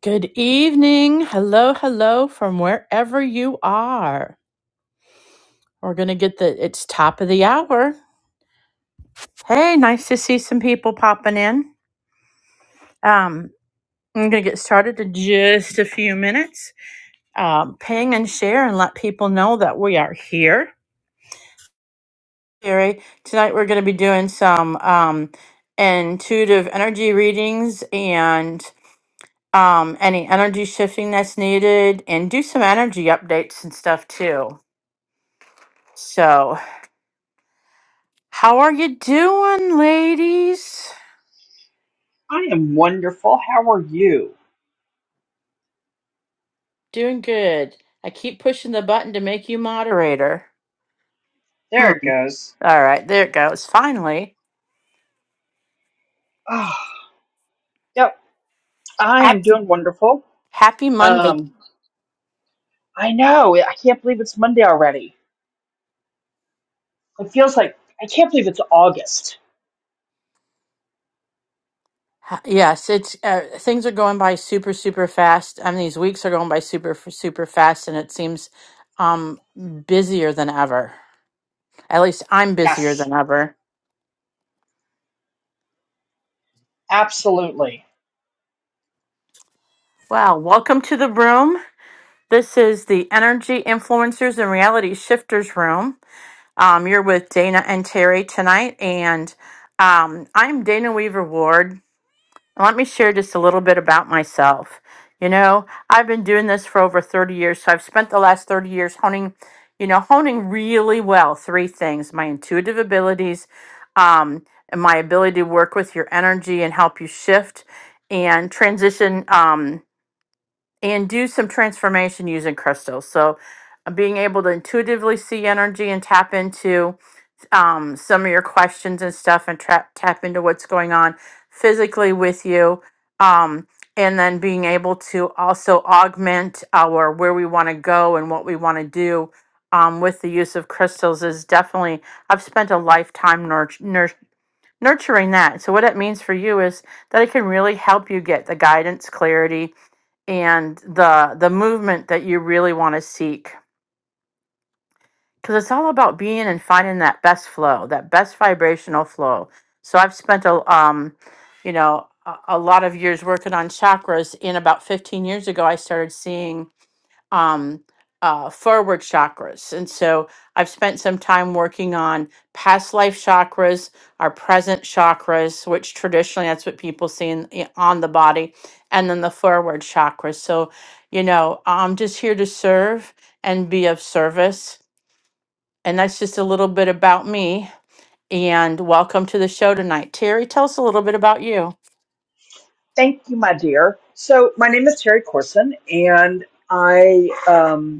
Good evening. Hello, hello from wherever you are. We're going to get the it's top of the hour. Hey, nice to see some people popping in. Um, I'm going to get started in just a few minutes. Um, ping and share and let people know that we are here. Gary, tonight we're going to be doing some um, intuitive energy readings and um, any energy shifting that's needed and do some energy updates and stuff too. So, How are you doing, ladies? I am wonderful. How are you? Doing good. I keep pushing the button to make you moderator. There Hmm. it goes. All right, there it goes. Finally. Oh, yep, I am Happy, doing wonderful. happy Monday. Um, I know. I can't believe it's Monday already. It feels like I can't believe it's August. Ha- Yes, it's uh, things are going by super super fast. I mean, these weeks are going by super f- super fast and it seems um busier than ever. At least I'm busier Yes, than ever. absolutely. Well, welcome to the room. This is the Energy Influencers and Reality Shifters room. Um, you're with Dana and Terry tonight, and um, I'm Dana Weaver Ward. Let me share just a little bit about myself. You know, I've been doing this for over 30 years, so I've spent the last 30 years honing, you know, honing really well three things my intuitive abilities, um, and my ability to work with your energy and help you shift and transition um, and do some transformation using crystals. So, uh, being able to intuitively see energy and tap into um, some of your questions and stuff and trap tap into what's going on physically with you. Um, and then being able to also augment our where we want to go and what we want to do um, with the use of crystals is definitely, I've spent a lifetime nurt- nur- nurturing that. So, what it means for you is that it can really help you get the guidance, clarity, and the, the movement that you really want to seek because it's all about being and finding that best flow, that best vibrational flow. So I've spent a um, you know, a, a lot of years working on chakras. And about 15 years ago, I started seeing um, uh, forward chakras, and so I've spent some time working on past life chakras, our present chakras, which traditionally that's what people see in, i- on the body, and then the forward chakras. So, you know, I'm just here to serve and be of service and that's just a little bit about me. And welcome to the show tonight. Terry, tell us a little bit about you. Thank you, my dear. So my name is Terry Corson, and I. um.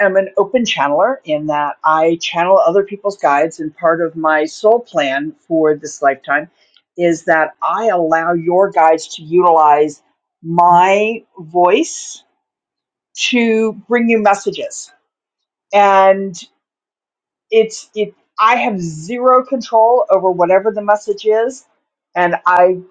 am an open channeler in that I channel other people's guides. And part of my soul plan for this lifetime is that I allow your guides to utilize my voice to bring you messages. And it's it I have zero control over whatever the message is. And I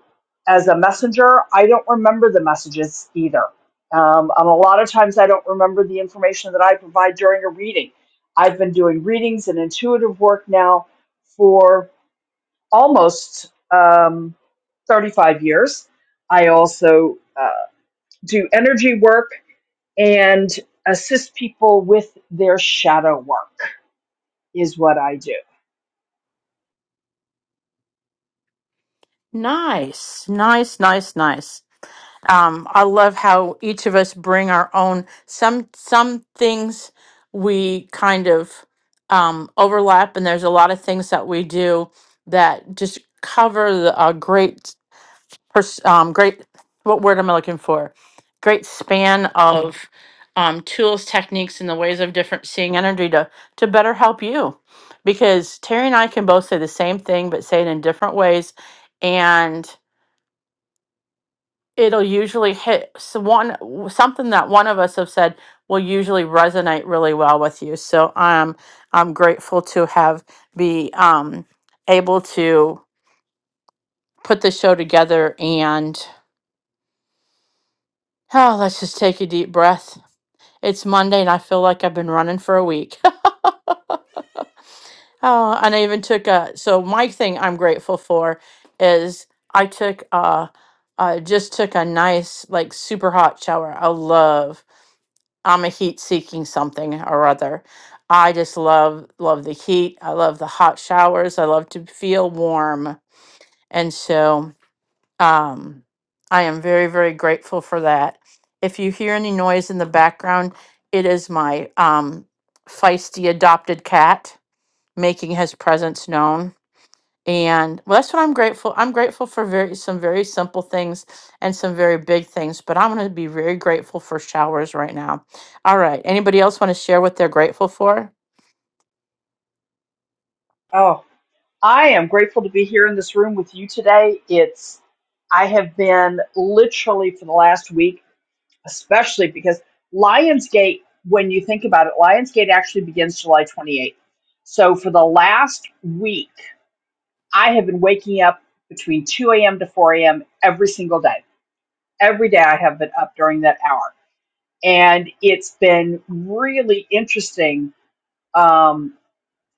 as a messenger, I don't remember the messages either. Um, and a lot of times I don't remember the information that I provide during a reading. I've been doing readings and intuitive work now for almost um, 35 years. I also uh, do energy work and assist people with their shadow work, is what I do. Nice, nice, nice, nice. Um, I love how each of us bring our own. Some some things we kind of um, overlap, and there's a lot of things that we do that just cover the, a great pers- um, great what word am i looking for great span of um, tools techniques and the ways of different seeing energy to to better help you because terry and i can both say the same thing but say it in different ways and it'll usually hit s- one something that one of us have said will usually resonate really well with you so i'm i'm grateful to have be um, able to put the show together and Oh, let's just take a deep breath It's Monday and I feel like I've been running for a week. oh, and I even took a so my thing I'm grateful for is I took a, uh just took a nice like super hot shower. I love I'm a heat seeking something or other. I just love love the heat. I love the hot showers. I love to feel warm. And so Um, I am very, very grateful for that. If you hear any noise in the background, it is my um, feisty adopted cat making his presence known. And well, that's what I'm grateful. I'm grateful for very some very simple things and some very big things, but I'm going to be very grateful for showers right now. All right. Anybody else want to share what they're grateful for? Oh. I am grateful to be here in this room with you today. It's I have been literally for the last week, especially because Lionsgate, when you think about it, Lionsgate actually begins July 28th. So for the last week, I have been waking up between 2 a.m. to 4 a.m. every single day. Every day I have been up during that hour. And it's been really interesting. Um,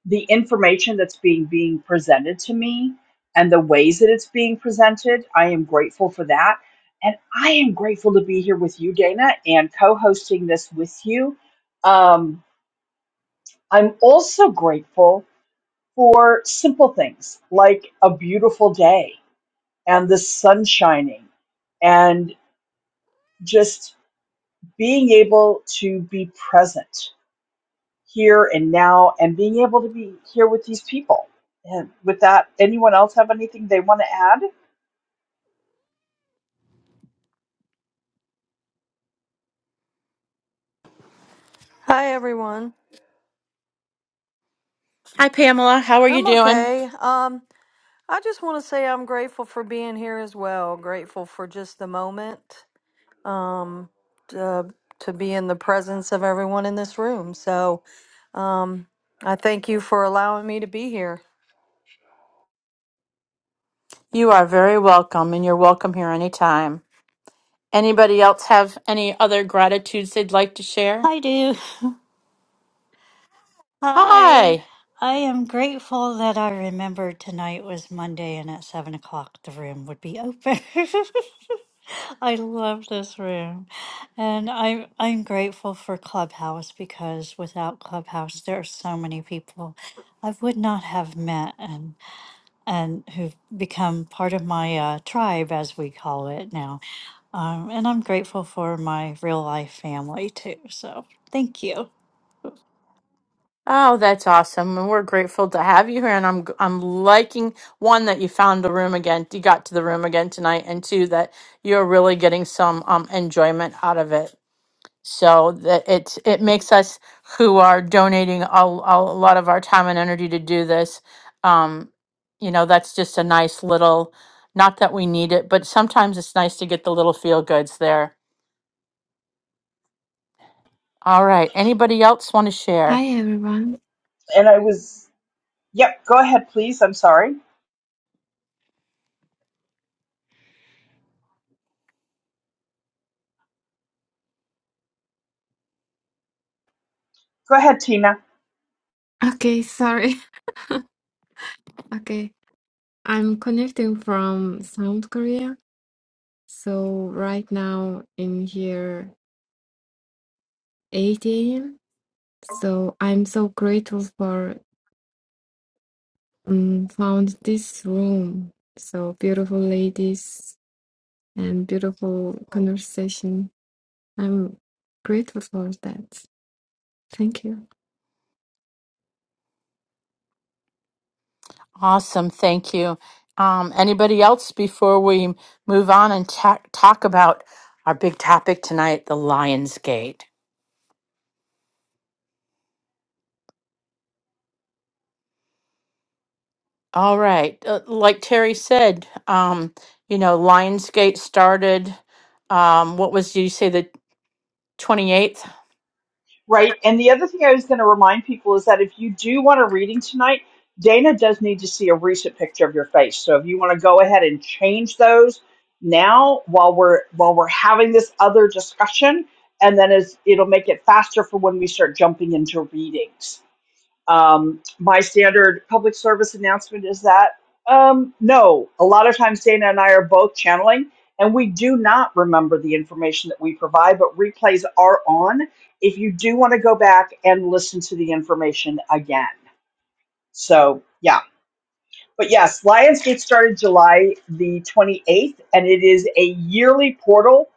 the information that's being being presented to me and the ways that it's being presented i am grateful for that and i am grateful to be here with you dana and co-hosting this with you um, i'm also grateful for simple things like a beautiful day and the sun shining and just being able to be present here and now and being able to be here with these people. And with that, anyone else have anything they want to add? Hi everyone. Hi, Pamela. How are you I'm doing? okay. Um I just want to say I'm grateful for being here as well. Grateful for just the moment um to, to be in the presence of everyone in this room. So, um I thank you for allowing me to be here. You are very welcome, and you're welcome here anytime. Anybody else have any other gratitudes they'd like to share? I do. Hi. Hi. I am grateful that I remembered tonight was Monday and at seven o'clock the room would be open. I love this room. And I'm I'm grateful for Clubhouse because without Clubhouse there are so many people I would not have met and and who've become part of my uh, tribe as we call it now. Um, and I'm grateful for my real life family too. So thank you. Oh, that's awesome. And we're grateful to have you here. And I'm I'm liking one that you found the room again, you got to the room again tonight, and two that you're really getting some um enjoyment out of it. So that it it makes us who are donating a, a lot of our time and energy to do this. Um, you know, that's just a nice little not that we need it, but sometimes it's nice to get the little feel goods there All right. Anybody else want to Hi share? everyone. And I was, yep, go ahead, please. I'm sorry. Go ahead, Tina. Okay, sorry. Okay, I'm connecting from South Korea. So right now in here 8 a.m. So I'm so grateful for um, found this room. So beautiful ladies and beautiful conversation. I'm grateful for that. Thank you. Awesome. Thank you. Um, anybody else before we move on and ta- talk about our big topic tonight, the Lionsgate? All right. Uh, like Terry said, um, you know, Lionsgate started, um, what was, did you say the 28th? Right. And the other thing I was going to remind people is that if you do want a reading tonight, Dana does need to see a recent picture of your face. So if you want to go ahead and change those now while we're while we're having this other discussion and then as it'll make it faster for when we start jumping into readings Um, my standard public service announcement is that um, no, a lot of times Dana and I are both channeling, and we do not remember the information that we provide, but replays are on if you do want to go back and listen to the information again. So, yeah. But yes, Lionsgate started July the 28th, and it is a yearly portal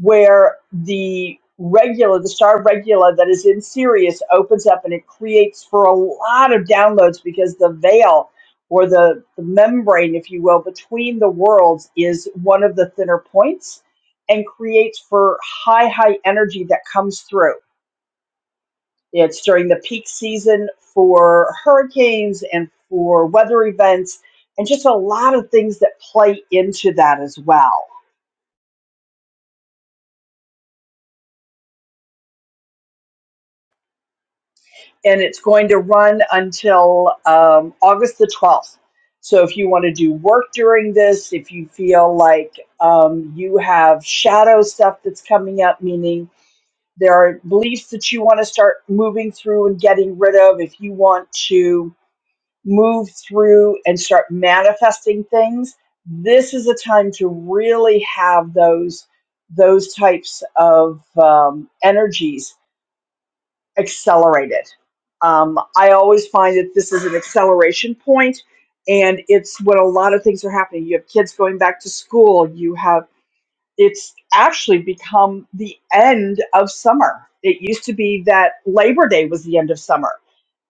where the regular, the star regular that is in Sirius opens up and it creates for a lot of downloads because the veil or the, the membrane, if you will, between the worlds is one of the thinner points and creates for high, high energy that comes through. It's during the peak season for hurricanes and for weather events and just a lot of things that play into that as well and it's going to run until um, August the 12th. So if you want to do work during this, if you feel like um, you have shadow stuff that's coming up, meaning there are beliefs that you want to start moving through and getting rid of, if you want to move through and start manifesting things, this is a time to really have those those types of um, energies accelerated. Um, I always find that this is an acceleration point, and it's when a lot of things are happening. You have kids going back to school. You have it's actually become the end of summer. It used to be that Labor Day was the end of summer.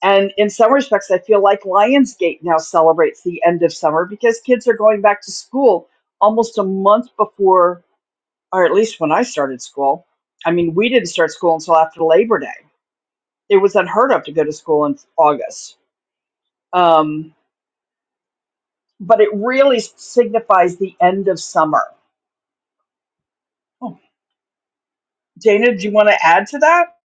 And in some respects, I feel like Lionsgate now celebrates the end of summer because kids are going back to school almost a month before, or at least when I started school. I mean, we didn't start school until after Labor Day it was unheard of to go to school in August. Um, but it really signifies the end of summer. Dana, do you want to add to that?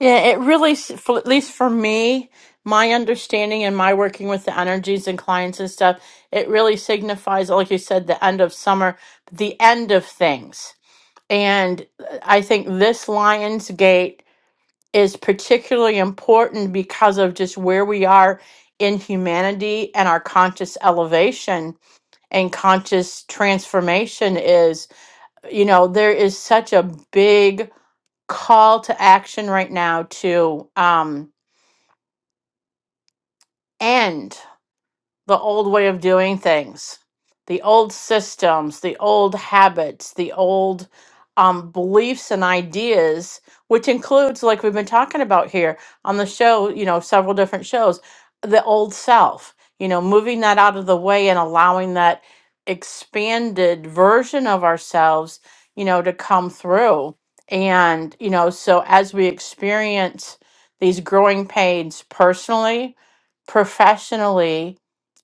Yeah, it really, s- for, at least for me, my understanding and my working with the energies and clients and stuff, it really signifies, like you said, the end of summer, the end of things. And uh, I think this Lion's Gate is particularly important because of just where we are in humanity and our conscious elevation and conscious transformation is, you know, there is such a big call to action right now to, um, And the old way of doing things, the old systems, the old habits, the old um, beliefs and ideas, which includes, like we've been talking about here on the show, you know, several different shows, the old self, you know, moving that out of the way and allowing that expanded version of ourselves, you know, to come through. And, you know, so as we experience these growing pains personally, professionally,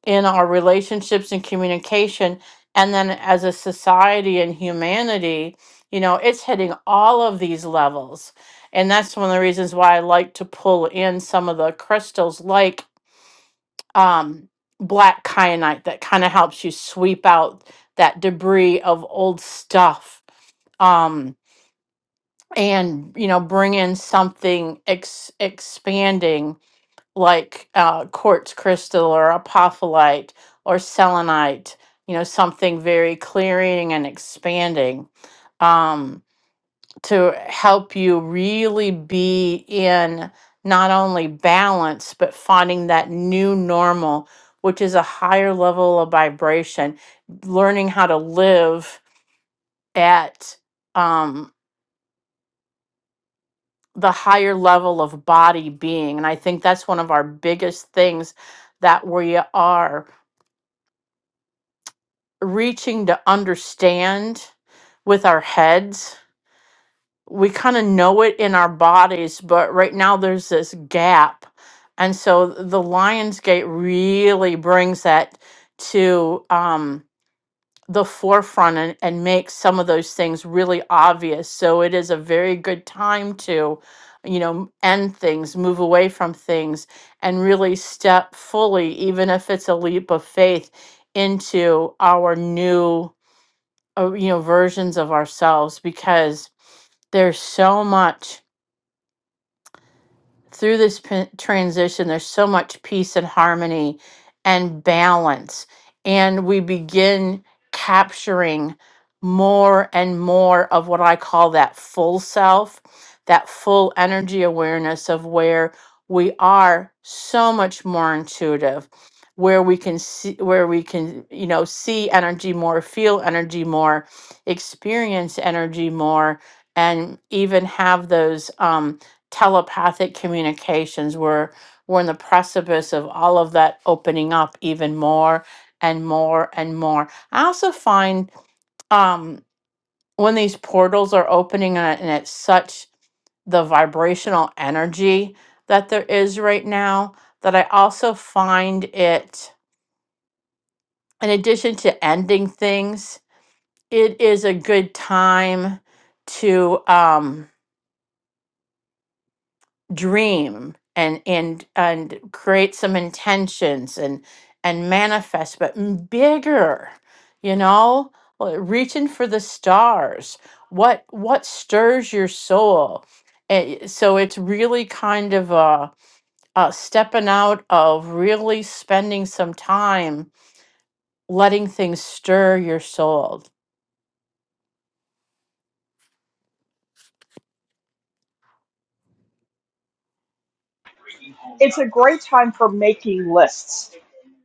in our relationships and communication and then as a society and humanity you know it's hitting all of these levels and that's one of the reasons why i like to pull in some of the crystals like um, black kyanite that kind of helps you sweep out that debris of old stuff um, and you know bring in something ex- expanding like uh, quartz crystal or apophyllite or selenite, you know, something very clearing and expanding um, to help you really be in not only balance, but finding that new normal, which is a higher level of vibration, learning how to live at. Um, the higher level of body being. And I think that's one of our biggest things that we are. reaching to understand with our heads. We kind of know it in our bodies, but right now there's this gap. And so the Lionsgate really brings that to um, the forefront and, and makes some of those things really obvious. So it is a very good time to, you know, end things, move away from things, and really step fully, even if it's a leap of faith, into our new uh, you know versions of ourselves because there's so much through this p- transition, there's so much peace and harmony and balance. And we begin capturing more and more of what I call that full self, that full energy awareness of where we are so much more intuitive where we can see where we can you know see energy more feel energy more experience energy more and even have those um, telepathic communications. We're we're in the precipice of all of that opening up even more and more and more. I also find um, when these portals are opening and and it's such the vibrational energy that there is right now that I also find it in addition to ending things, it is a good time to um, dream and and and create some intentions and and manifest but m- bigger you know Well, reaching for the stars what what stirs your soul Eh, so it's really kind of a, a stepping out of really spending some time letting things stir your soul It's a great time for making lists.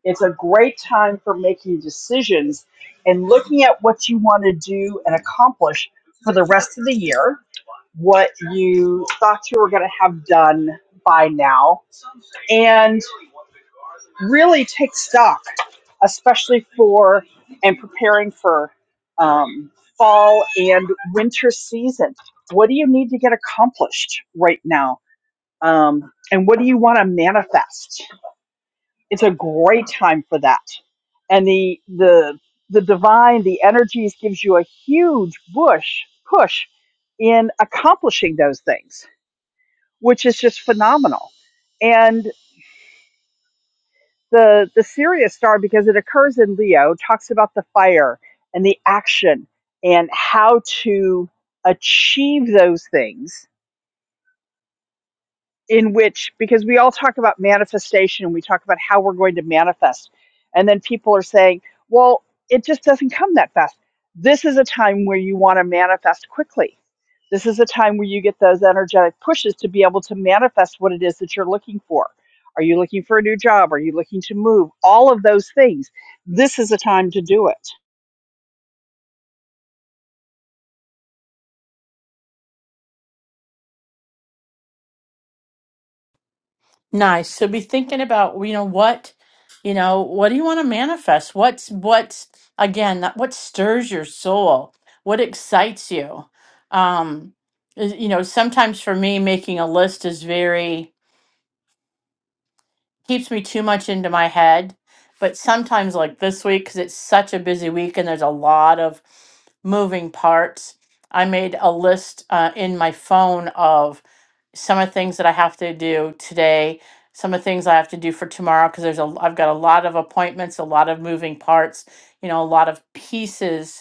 It's a great time for making decisions and looking at what you want to do and accomplish for the rest of the year, what you thought you were going to have done by now, and really take stock, especially for and preparing for um, fall and winter season. What do you need to get accomplished right now? Um, and what do you want to manifest? It's a great time for that. And the the the divine, the energies gives you a huge push push in accomplishing those things, which is just phenomenal. and. the the Sirius star because it occurs in Leo, talks about the fire and the action and how to achieve those things in which because we all talk about manifestation we talk about how we're going to manifest and then people are saying well it just doesn't come that fast this is a time where you want to manifest quickly this is a time where you get those energetic pushes to be able to manifest what it is that you're looking for are you looking for a new job are you looking to move all of those things this is a time to do it Nice. So be thinking about, you know, what, you know, what do you want to manifest? What's, what's, again, that what stirs your soul? What excites you? Um, is- you know, sometimes for me, making a list is very, keeps me too much into my head. But sometimes, like this week, because it's such a busy week and there's a lot of moving parts, I made a list uh, in my phone of some of the things that I have to do today, some of the things I have to do for tomorrow, because there's a I've got a lot of appointments, a lot of moving parts, you know, a lot of pieces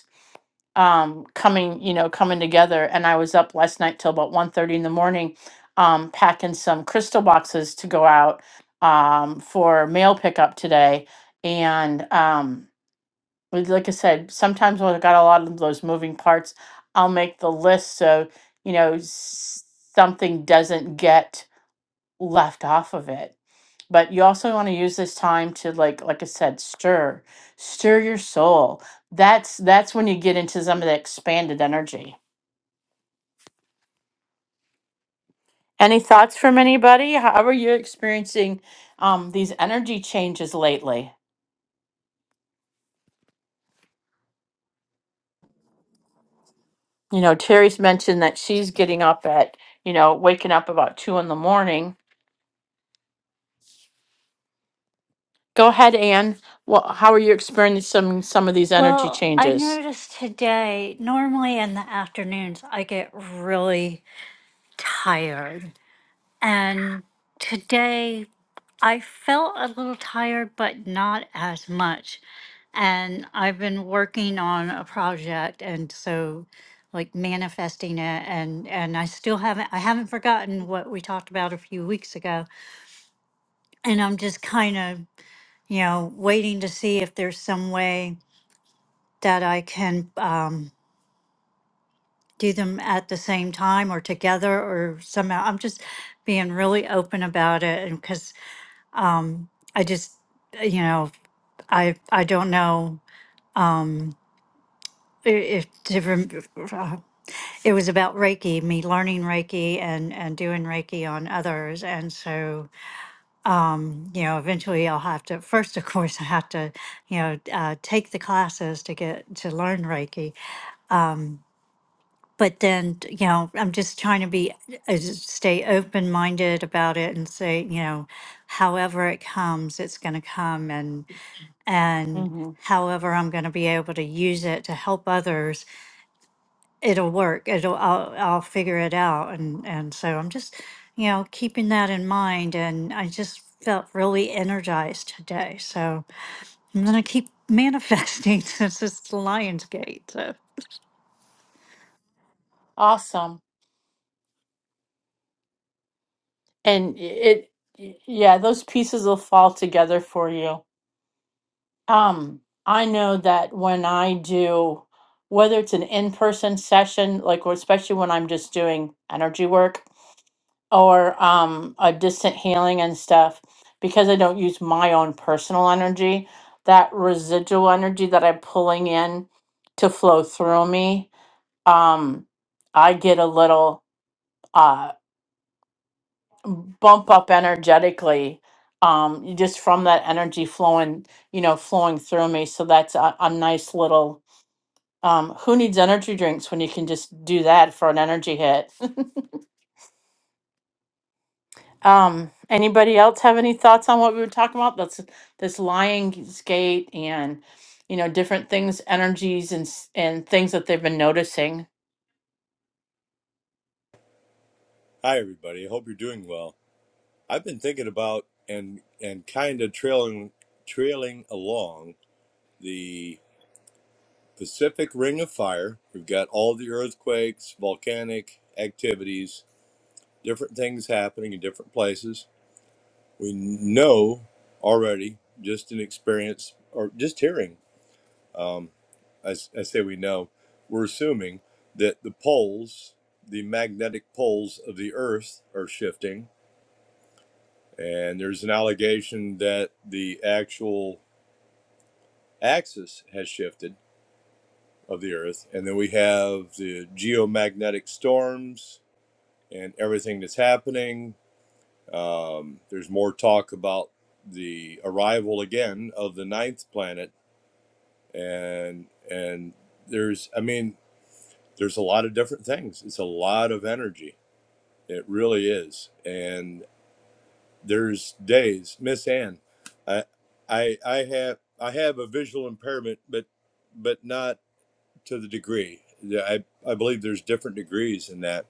um coming you know coming together and i was up last night till about one thirty in the morning um packing some crystal boxes to go out um for mail pickup today and um with- like i said sometimes when i've got a lot of those moving parts i'll make the list so you know s- something doesn't get left off of it but you also want to use this time to like like i said stir stir your soul that's that's when you get into some of the expanded energy any thoughts from anybody how are you experiencing um, these energy changes lately you know terry's mentioned that she's getting up at you know waking up about two in the morning go ahead anne well, how are you experiencing some some of these energy Well, I changes noticed today, normally in the afternoons, I get really tired. And today, I felt a little tired, but not as much. And I've been working on a project and so like manifesting it and and I still haven't I haven't forgotten what we talked about a few weeks ago and I'm just kind of, you know, waiting to see if there's some way that I can um do them at the same time or together or somehow. I'm just being really open about it, and because I just, you know, I I don't know i- if to rem- uh, it was about Reiki, me learning Reiki and and doing Reiki on others, and so you know, eventually I'll have to. First, of course, I have to, you know, uh, take the classes to get to learn Reiki, but then you know i'm just trying to be uh, just stay open minded about it and say you know however it comes it's going to come and and hmm however i'm going to be able to use it to help others it'll work it'll i'll, I'll figure it out and and so i'm just you know keeping that in mind and i just felt really energized today so i'm going to keep manifesting since it's the lions gate so Awesome. And it, yeah, those pieces will fall together for you. Um, I know that when I do, whether it's an in person session, like, or especially when I'm just doing energy work, or um, a distant healing and stuff, because I don't use my own personal energy, that residual energy that I'm pulling in to flow through me, um, I get a little uh, bump up energetically um, just from that energy flowing, you know, flowing through me. So that's a, a nice little. Um, who needs energy drinks when you can just do that for an energy hit? Um, anybody else have any thoughts on what we were talking about? That's this Lion's Gate and you know different things, energies and s- and things that they've been noticing. Hi, everybody. Hope you're doing well. I've been thinking about and and kind of trailing trailing along the Pacific Ring of Fire. We've got all the earthquakes, volcanic activities, different things happening in different places. We know already just an experience or just hearing. Um, I, s- I say we know. We're assuming that the poles, the magnetic poles of the Earth, are shifting And there's an allegation that the actual axis has shifted of the Earth. And then we have the geomagnetic storms and everything that's happening. Um, there's more talk about the arrival again of the ninth planet. And, and there's, I mean, there's a lot of different things. It's a lot of energy. It really is. and. There's days, Miss Ann, I, I, I have, I have a visual impairment, but, but not to the degree. Yeah, I, I believe there's different degrees in that,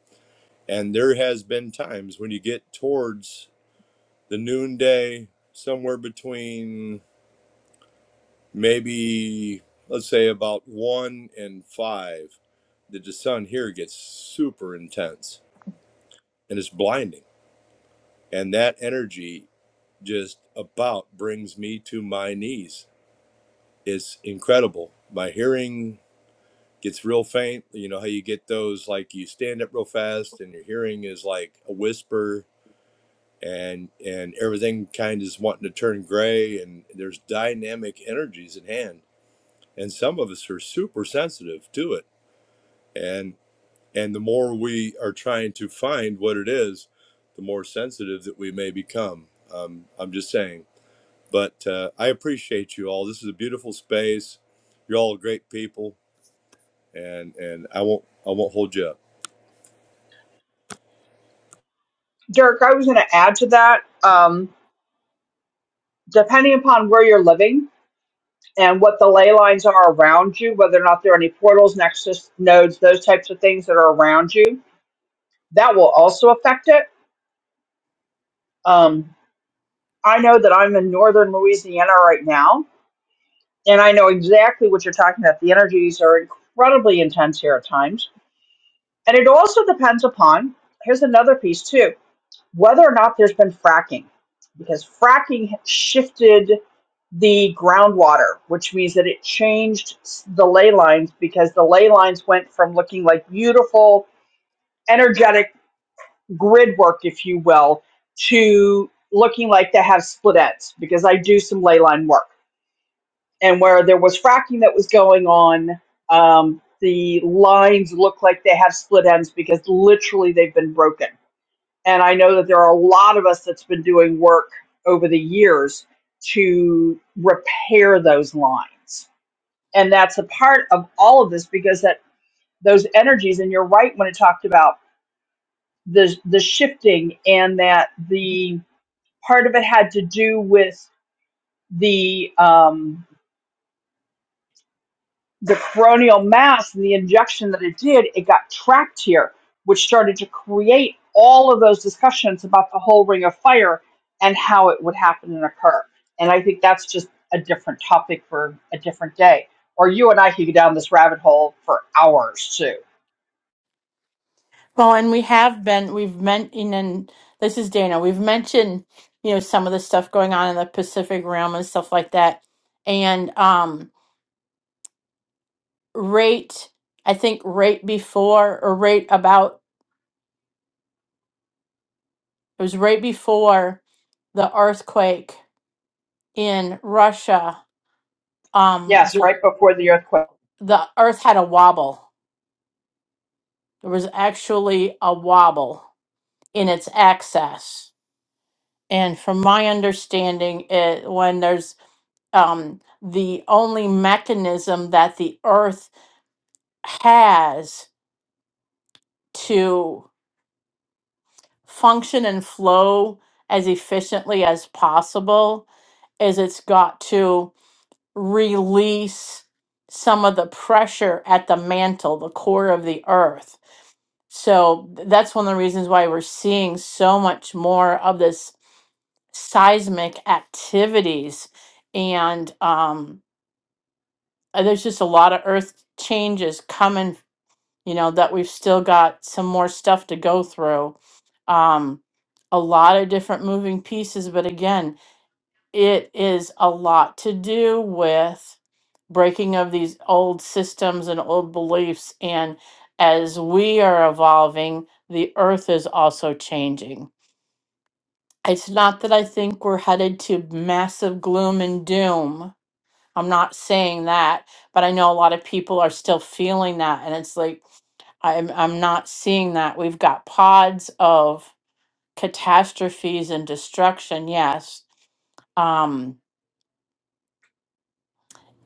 and there has been times when you get towards the noonday, somewhere between maybe, let's say, about one and five, that the sun here gets super intense and it's blinding, and that energy just about brings me to my knees it's incredible. My hearing gets real faint. You know how you get those like you stand up real fast and your hearing is like a whisper and and everything kind of is wanting to turn gray and there's dynamic energies at hand. And some of us are super sensitive to it. And and the more we are trying to find what it is, the more sensitive that we may become. Um, I'm just saying. But uh, I appreciate you all. This is a beautiful space. You're all great people and and I won't I won't hold you up. derek i was going to add to that um, depending upon where you're living and what the ley lines are around you, whether or not there are any portals, nexus nodes, those types of things that are around you, that will also affect it. Um, I know that I'm in northern Louisiana right now, and I know exactly what you're talking about. The energies are incredibly intense here at times. And it also depends upon, here's another piece too whether or not there's been fracking, because fracking shifted the groundwater, which means that it changed the ley lines because the ley lines went from looking like beautiful, energetic grid work, if you will, to looking like they have split ends because I do some ley line work. And where there was fracking that was going on, um, the lines look like they have split ends because literally they've been broken and I know that there are a lot of us that's been doing work over the years to repair those lines. And that's a part of all of this because that those energies, and you're right when it talked about the the shifting and that the part of it had to do with the um, the coronial mass and the injection that it did, it got trapped here, which started to create all of those discussions about the whole ring of fire and how it would happen and occur. And I think that's just a different topic for a different day. Or you and I could go down this rabbit hole for hours too. Well, and we have been we've meant and then- this is Dana. We've mentioned you know some of the stuff going on in the Pacific Realm and stuff like that, and um, rate I think right before or right about it was right before the earthquake in Russia. Um, Yes, right before the earthquake. the earth had a wobble. There was actually a wobble in its axis. And from my understanding, it, when there's um, the only mechanism that the earth has to function and flow as efficiently as possible is it's got to release some of the pressure at the mantle, the core of the earth. So th- that's one of the reasons why we're seeing so much more of this seismic activities. And um, uh, there's just a lot of earth changes coming, you know, that we've still got some more stuff to go through. Um, a lot of different moving pieces, but again, it is a lot to do with breaking of these old systems and old beliefs. And as we are evolving, the earth is also changing. It's not that I think we're headed to massive gloom and doom. I'm not saying that, but I know a lot of people are still feeling that. And it's like, I'm, I'm not seeing that. We've got pods of catastrophes and destruction, yes. Um,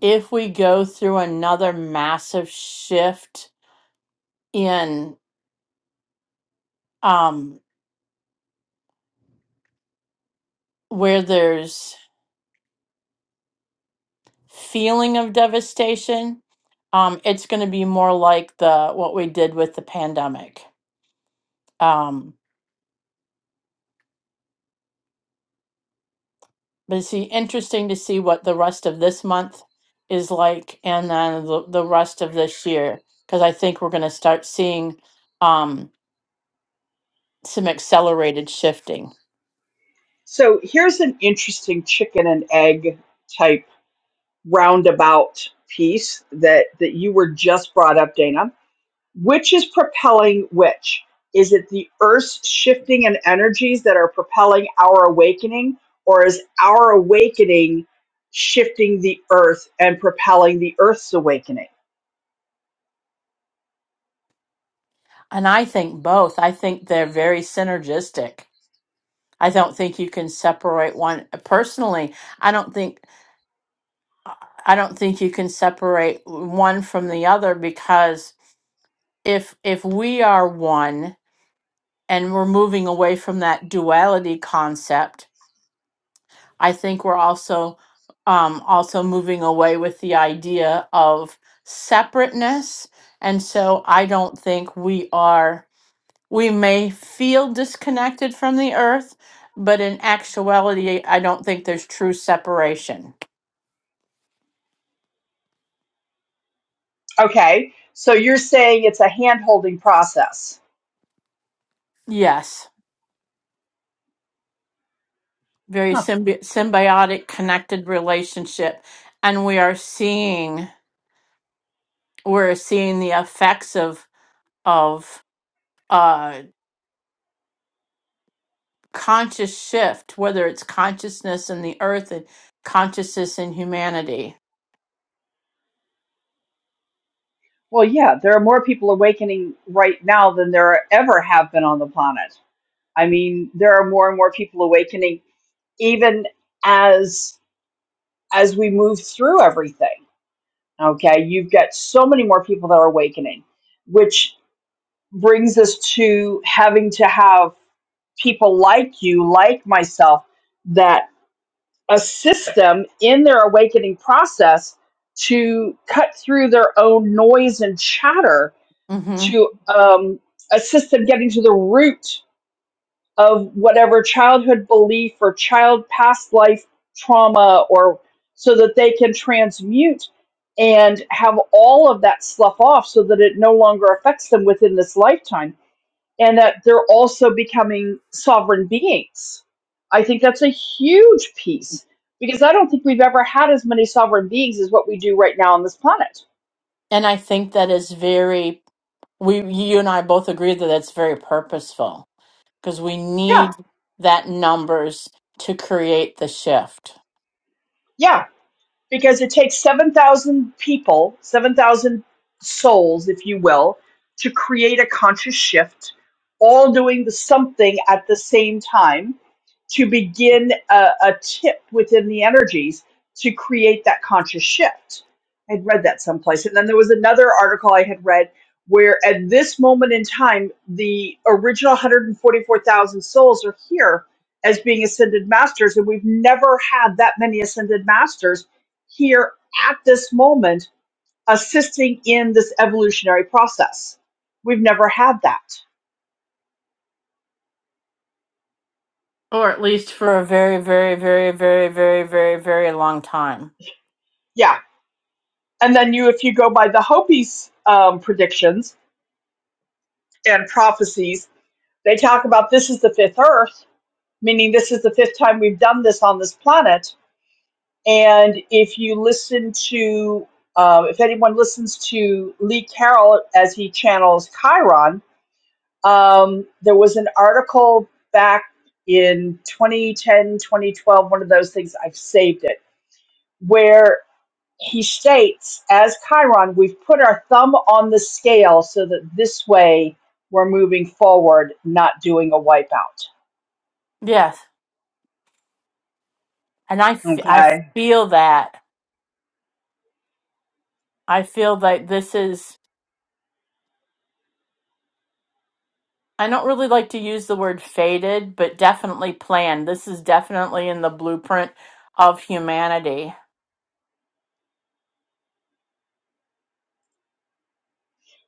if we go through another massive shift in um, where there's feeling of devastation, um, it's going to be more like the what we did with the pandemic. Um, but it's interesting to see what the rest of this month is like, and then the, the rest of this year, because I think we're going to start seeing um, some accelerated shifting. So here's an interesting chicken and egg type roundabout piece that, that you were just brought up, Dana Which is propelling which? Is it the earth's shifting and energies that are propelling our awakening, or is our awakening shifting the earth and propelling the earth's awakening? And I think both. I think they're very synergistic. I don't think you can separate one. Personally, I don't think I don't think you can separate one from the other because if if we are one and we're moving away from that duality concept, I think we're also um, also moving away with the idea of separateness. And so I don't think we are. We may feel disconnected from the earth, but in actuality, I don't think there's true separation. Okay, so you're saying it's a hand holding process. Yes, very Huh. symbi- symbiotic, connected relationship, and we are seeing we're seeing the effects of of uh, conscious shift, whether it's consciousness in the earth and consciousness in humanity. Well, yeah, there are more people awakening right now than there ever have been on the planet. I mean, there are more and more people awakening even as as we move through everything. Okay, you've got so many more people that are awakening, which brings us to having to have people like you, like myself, that assist them in their awakening process to cut through their own noise and chatter hmm to um, assist them getting to the root of whatever childhood belief or child past life trauma or so that they can transmute and have all of that slough off so that it no longer affects them within this lifetime and that they're also becoming sovereign beings. I think that's a huge piece because I don't think we've ever had as many sovereign beings as what we do right now on this planet. And I think that is very we you and I both agree that that's very purposeful because we Yeah. need that numbers to create the shift, Yeah. because it takes 7,000 people, 7,000 souls, if you will, to create a conscious shift, all doing the something at the same time to begin a, a tip within the energies to create that conscious shift. I'd read that someplace. And then there was another article I had read where at this moment in time, the original 144,000 souls are here as being ascended masters. And we've never had that many ascended masters here at this moment assisting in this evolutionary process. We've never had that. or at least for a very, very, very, very, very, very, very long time. Yeah. And then you, if you go by the Hopi's um, predictions and prophecies, they talk about this is the fifth Earth, meaning this is the fifth time we've done this on this planet. And if you listen to, uh, if anyone listens to Lee Carroll as he channels Chiron, Um, there was an article back in 2010, 2012, one of those things, I've saved it, where he states, as Chiron, we've put our thumb on the scale so that this way we're moving forward, not doing a wipeout. Yes, and I, f- I Okay. feel that. I feel that this is. I don't really like to use the word faded, but definitely planned. This is definitely in the blueprint of humanity.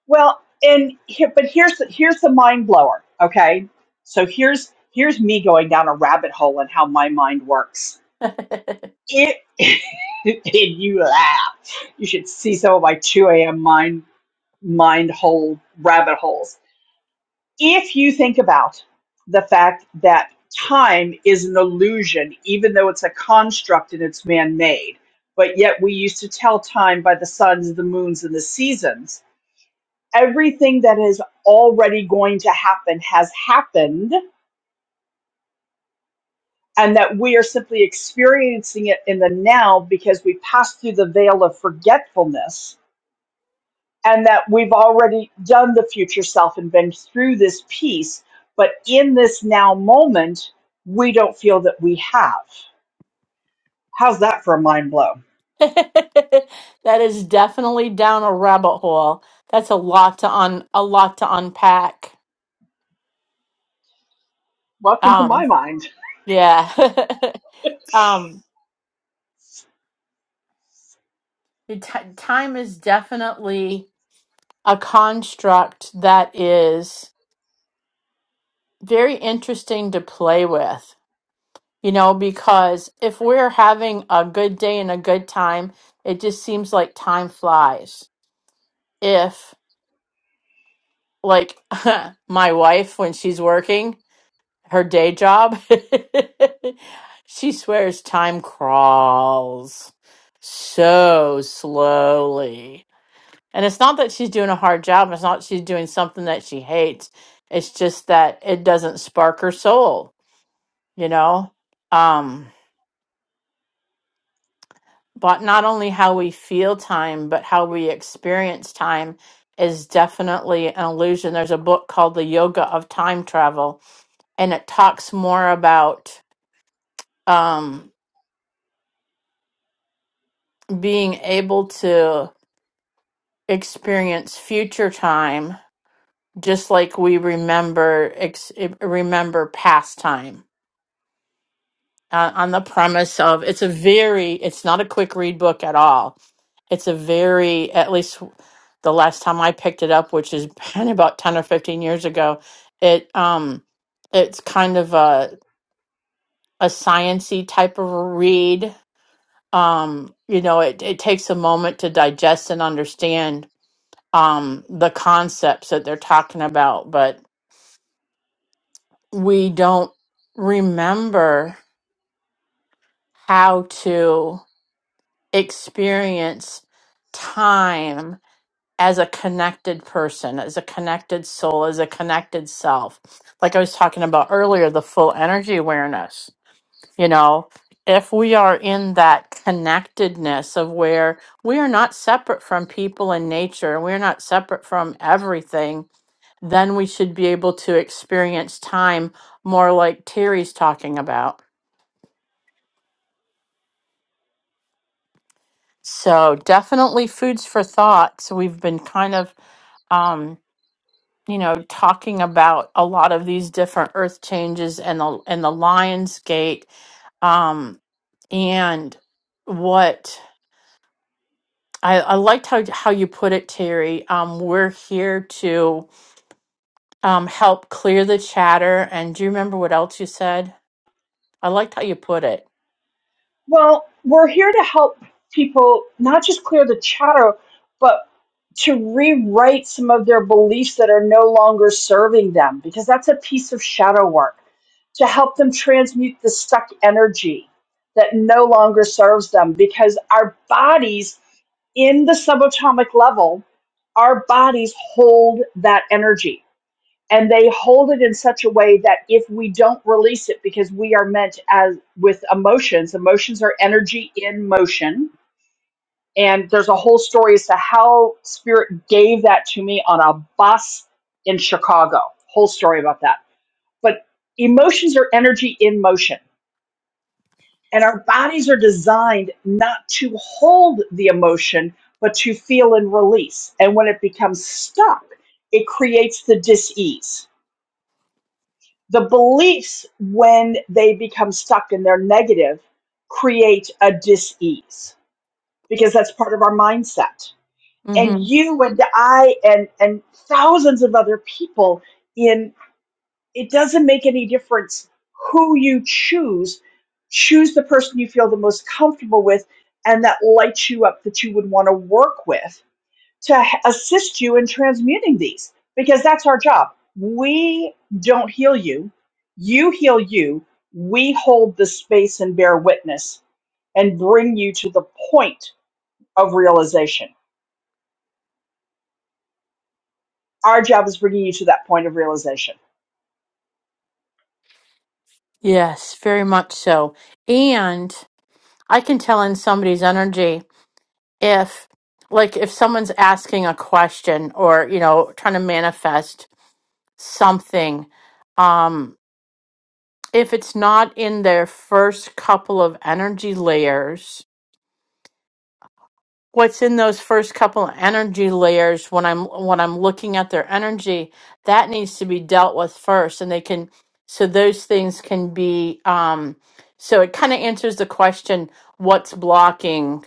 Well, and here, but here's the, here's the mind blower. Okay. So here's here's me going down a rabbit hole and how my mind works that It, and you laugh. You should see some of my 2 a.m. mind mind hole rabbit holes. If you think about the fact that time is an illusion, even though it's a construct and it's man-made, but yet we used to tell time by the suns, the moons, and the seasons. Everything that is already going to happen has happened, and that we are simply experiencing it in the now because we passed through the veil of forgetfulness and that we've already done the future self and been through this piece. But in this now moment, we don't feel that we have. How's that for a mind blow? is definitely down a rabbit hole. That's a lot to un a lot to unpack. Welcome to Um, my mind. Yeah. um, the t- time is definitely a construct that is very interesting to play with, you know, because if we're having a good day and a good time, it just seems like time flies. If, like, my wife, when she's working her day job, she swears time crawls so slowly And it's not that she's doing a hard job. It's not she's doing something that she hates. It's just that it doesn't spark her soul, you know? Um, but not only how we feel time, but how we experience time is definitely an illusion. There's a book called The Yoga of Time Travel, and it talks more about um, being able to experience future time just like we remember ex- remember past time uh, on the premise of it's a very it's not a quick read book at all it's a very at least the last time i picked it up which has been about 10 or 15 years ago it um it's kind of a a sciency type of a read um you know it, it takes a moment to digest and understand um the concepts that they're talking about but we don't remember how to experience time as a connected person, as a connected soul, as a connected self. Like I was talking about earlier, the full energy awareness. You know, if we are in that connectedness of where we are not separate from people and nature, we're not separate from everything, then we should be able to experience time more like Terry's talking about. So, definitely foods for thought. So, we've been kind of. um. you know, talking about a lot of these different earth changes and the and the Lions Gate, um, and what I, I liked how how you put it, Terry. Um, we're here to um, help clear the chatter. And do you remember what else you said? I liked how you put it. Well, we're here to help people not just clear the chatter, but to rewrite some of their beliefs that are no longer serving them, because that's a piece of shadow work to help them transmute the stuck energy that no longer serves them, because our bodies in the subatomic level, our bodies hold that energy and they hold it in such a way that if we don't release it because we are meant as with emotions emotions are energy in motion and there's a whole story as to how spirit gave that to me on a bus in chicago whole story about that but emotions are energy in motion and our bodies are designed not to hold the emotion but to feel and release and when it becomes stuck it creates the dis-ease the beliefs when they become stuck and they're negative create a dis-ease because that's part of our mindset and Mm-hmm. you and i and and thousands of other people in it doesn't make any difference who you choose choose the person you feel the most comfortable with and that lights you up that you would want to work with to assist you in transmuting these because that's our job. We don't heal you, you heal you. We hold the space and bear witness and bring you to the point of realization. Our job is bringing you to that point of realization. Yes, very much so. And I can tell in somebody's energy if like if someone's asking a question or you know trying to manifest something um if it's not in their first couple of energy layers what's in those first couple of energy layers when i'm when i'm looking at their energy that needs to be dealt with first and they can so those things can be um so it kind of answers the question what's blocking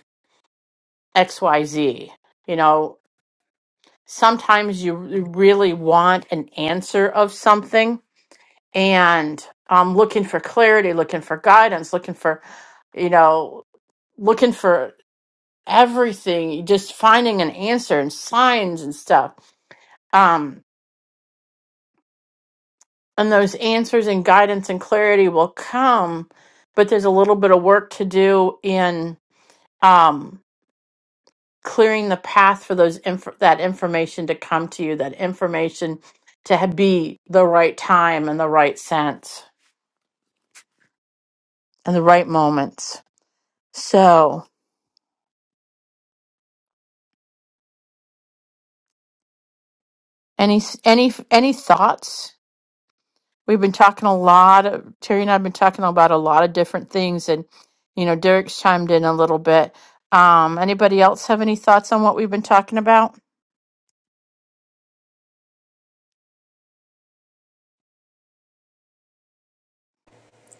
xyz you know sometimes you really want an answer of something and um, looking for clarity, looking for guidance, looking for, you know, looking for everything, just finding an answer and signs and stuff. Um, and those answers and guidance and clarity will come, but there's a little bit of work to do in. Um, clearing the path for those inf- that information to come to you, that information to ha- be the right time and the right sense and the right moments. So, any any any thoughts? We've been talking a lot. Of, Terry and I've been talking about a lot of different things, and you know, Derek's chimed in a little bit. Um, anybody else have any thoughts on what we've been talking about?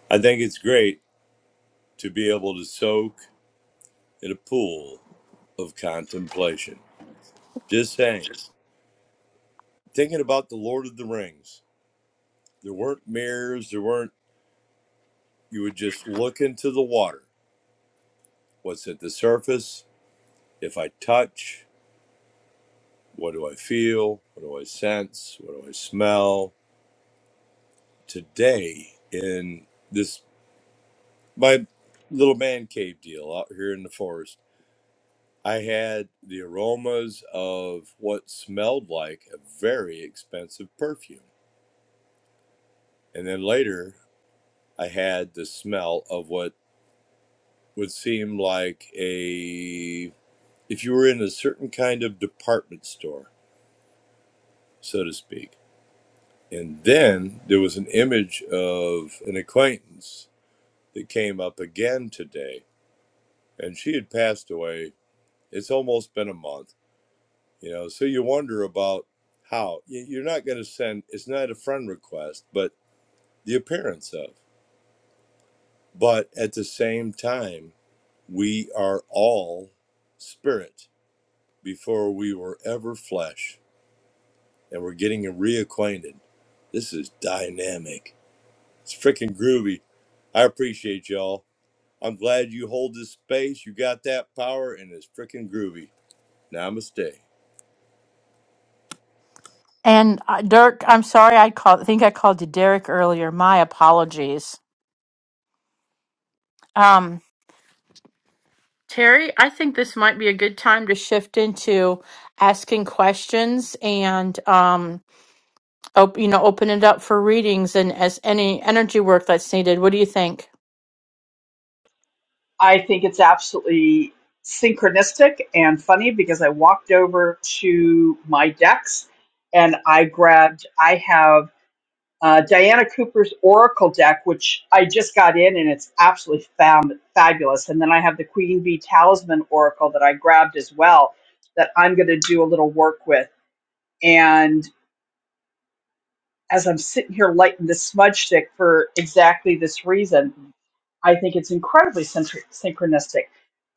I think it's great to be able to soak in a pool of contemplation. Just saying, thinking about the Lord of the Rings. There weren't mirrors. There weren't. You would just look into the water. What's at the surface? If I touch, what do I feel? What do I sense? What do I smell? Today in this my little man cave deal out here in the forest I had the aromas of what smelled like a very expensive perfume. And then later, I had the smell of what would seem like a, if you were in a certain kind of department store, so to speak. And then there was an image of an acquaintance that came up again today, and she had passed away. It's almost been a month you know so you wonder about how You- you're not going to send it's not a friend request but the appearance of but at the same time we are all spirit before we were ever flesh and we're getting reacquainted this is dynamic it's freaking groovy i appreciate y'all i'm glad you hold this space you got that power and it's freaking groovy namaste And uh, Dirk, I'm sorry, I called. I think I called you Derek earlier. My apologies. Um, Terry, I think this might be a good time to shift into asking questions and um op- you know open it up for readings and as any energy work that's needed. What do you think? I think it's absolutely synchronistic and funny because I walked over to my decks and I grabbed, I have Uh, Diana Cooper's Oracle deck, which I just got in and it's absolutely fab- fabulous. And then I have the Queen Bee Talisman Oracle that I grabbed as well that I'm going to do a little work with. And as I'm sitting here lighting the smudge stick for exactly this reason, I think it's incredibly synch- synchronistic.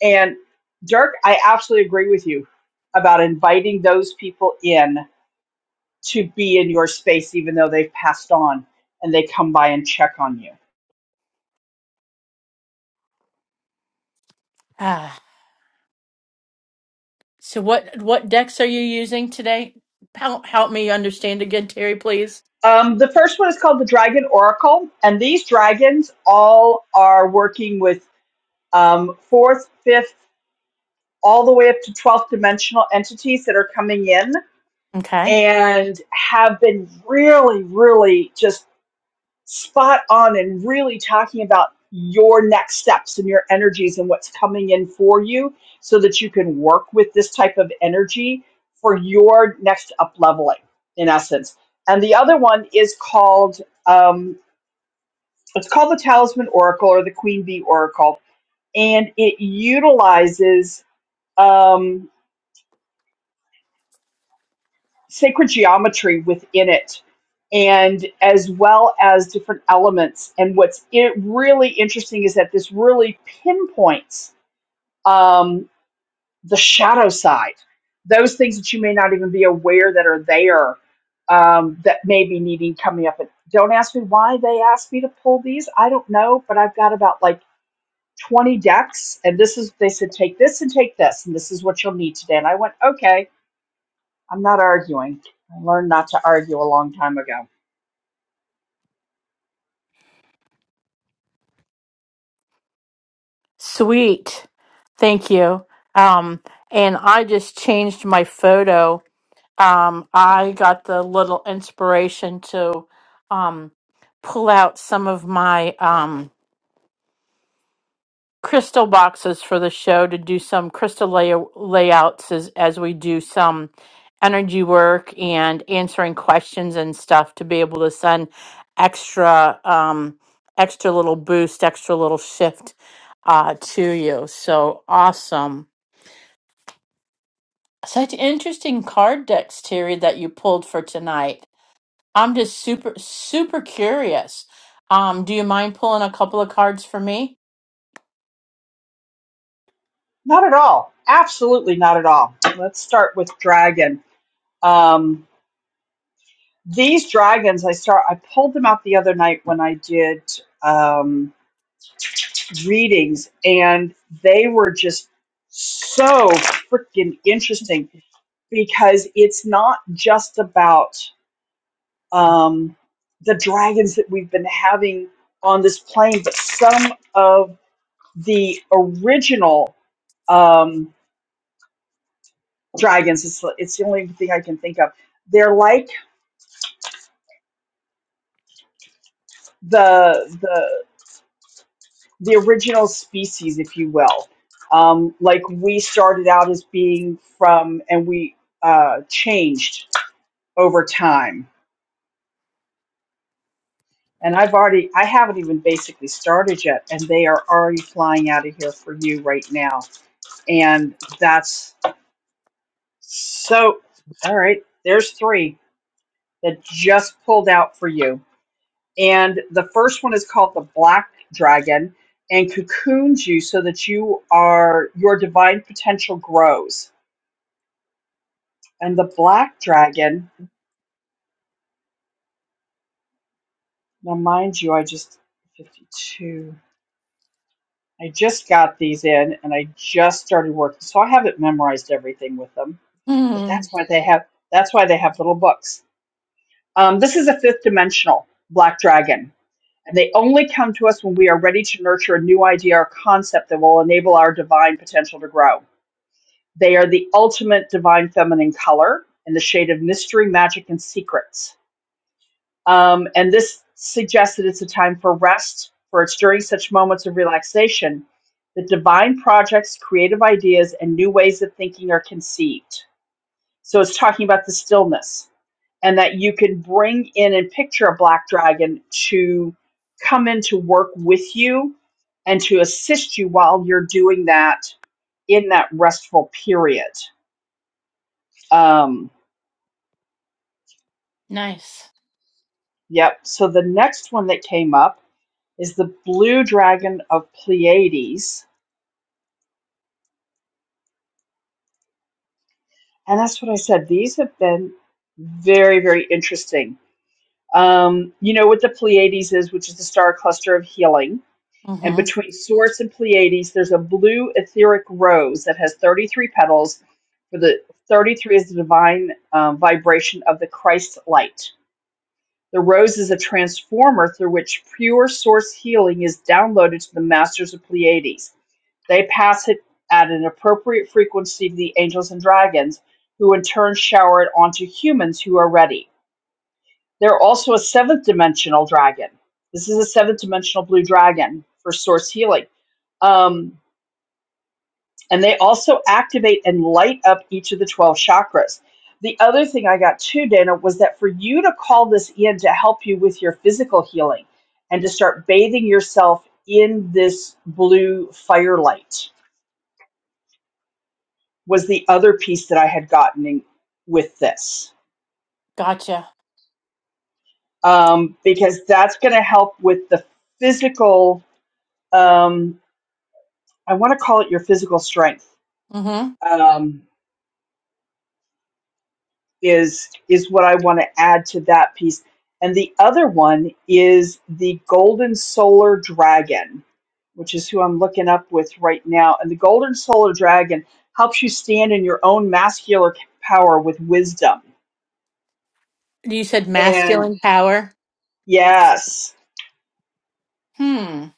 And Dirk, I absolutely agree with you about inviting those people in to be in your space, even though they've passed on and they come by and check on you Ah, so what what decks are you using today? Help help me understand again, Terry, please. Um, the first one is called the Dragon Oracle, and these dragons all are working with um, fourth, fifth, all the way up to 12th dimensional entities that are coming in Okay. and have been really, really just spot on and really talking about your next steps and your energies and what's coming in for you so that you can work with this type of energy for your next up leveling, in essence. And the other one is called um, It's called the Talisman Oracle or the Queen Bee Oracle, and it utilizes um, sacred geometry within it, and as well as different elements. And what's it really interesting is that this really pinpoints um, the shadow side, those things that you may not even be aware that are there um, that may be needing coming up. And don't ask me why they asked me to pull these. I don't know, but I've got about like 20 decks and this is they said take this and take this and this is what you'll need today and i went okay i'm not arguing i learned not to argue a long time ago Sweet. Thank you. Um and I just changed my photo um, I got the little inspiration to um, pull out some of my um, crystal boxes for the show to do some crystal lay- layouts as, as we do some energy work and answering questions and stuff to be able to send extra um, extra little boost, extra little shift uh, to you. So awesome. Such interesting card decks, Terry, that you pulled for tonight. I'm just super, super curious. Um, do you mind pulling a couple of cards for me? not at all absolutely not at all let's start with dragon um, these dragons i start i pulled them out the other night when i did um, readings and they were just so freaking interesting because it's not just about um, the dragons that we've been having on this plane, but some of the original um, dragons. It's, it's the only thing I can think of. They're like the the the original species, if you will. Um, like we started out as being from, and we uh, changed over time. And I've already, I haven't even basically started yet, and they are already flying out of here for you right now and that's So, all right, there's three that just pulled out for you. And the first one is called the Black Dragon and cocoons you so that you are your divine potential grows. And the Black Dragon, now mind you, I just 52. I just got these in and I just started working. So I haven't memorized everything with them. But Hmm. that's why they have that's why they have little books. Um, this is a fifth dimensional black dragon And they only come to us when we are ready to nurture a new idea or concept that will enable our divine potential to grow. They are the ultimate divine feminine color in the shade of mystery, magic, and secrets. Um, and this suggests that it's a time for rest, for it's during such moments of relaxation that divine projects, creative ideas, and new ways of thinking are conceived. So it's talking about the stillness and that you can bring in and picture a black dragon to come in to work with you and to assist you while you're doing that in that restful period. Um, Nice. yep. So the next one that came up is the blue dragon of Pleiades. And that's what I said. These have been very, very interesting. Um, you know what the Pleiades is, which is the star cluster of healing. And Mm-hmm. between Source and Pleiades, there's a blue etheric rose that has 33 petals. For the 33 is the divine um, vibration of the Christ light. The rose is a transformer through which pure source healing is downloaded to the masters of Pleiades. They pass it at an appropriate frequency to the angels and dragons, who in turn shower it onto humans who are ready. They're also a seventh dimensional dragon. This is a seventh dimensional blue dragon for source healing. Um, and they also activate and light up each of the 12 chakras. The other thing I got too, Dana, was that for you to call this in to help you with your physical healing and to start bathing yourself in this blue firelight was the other piece that I had gotten in, with this, Gotcha. um, because that's going to help with the physical. Um, I want to call it your physical strength. Mm-hmm. Um, is is what I want to add to that piece. And the other one is the Golden Solar Dragon, which is who I'm looking up with right now. And the Golden Solar Dragon helps you stand in your own masculine power with wisdom. You said And masculine power. yes. Hmm.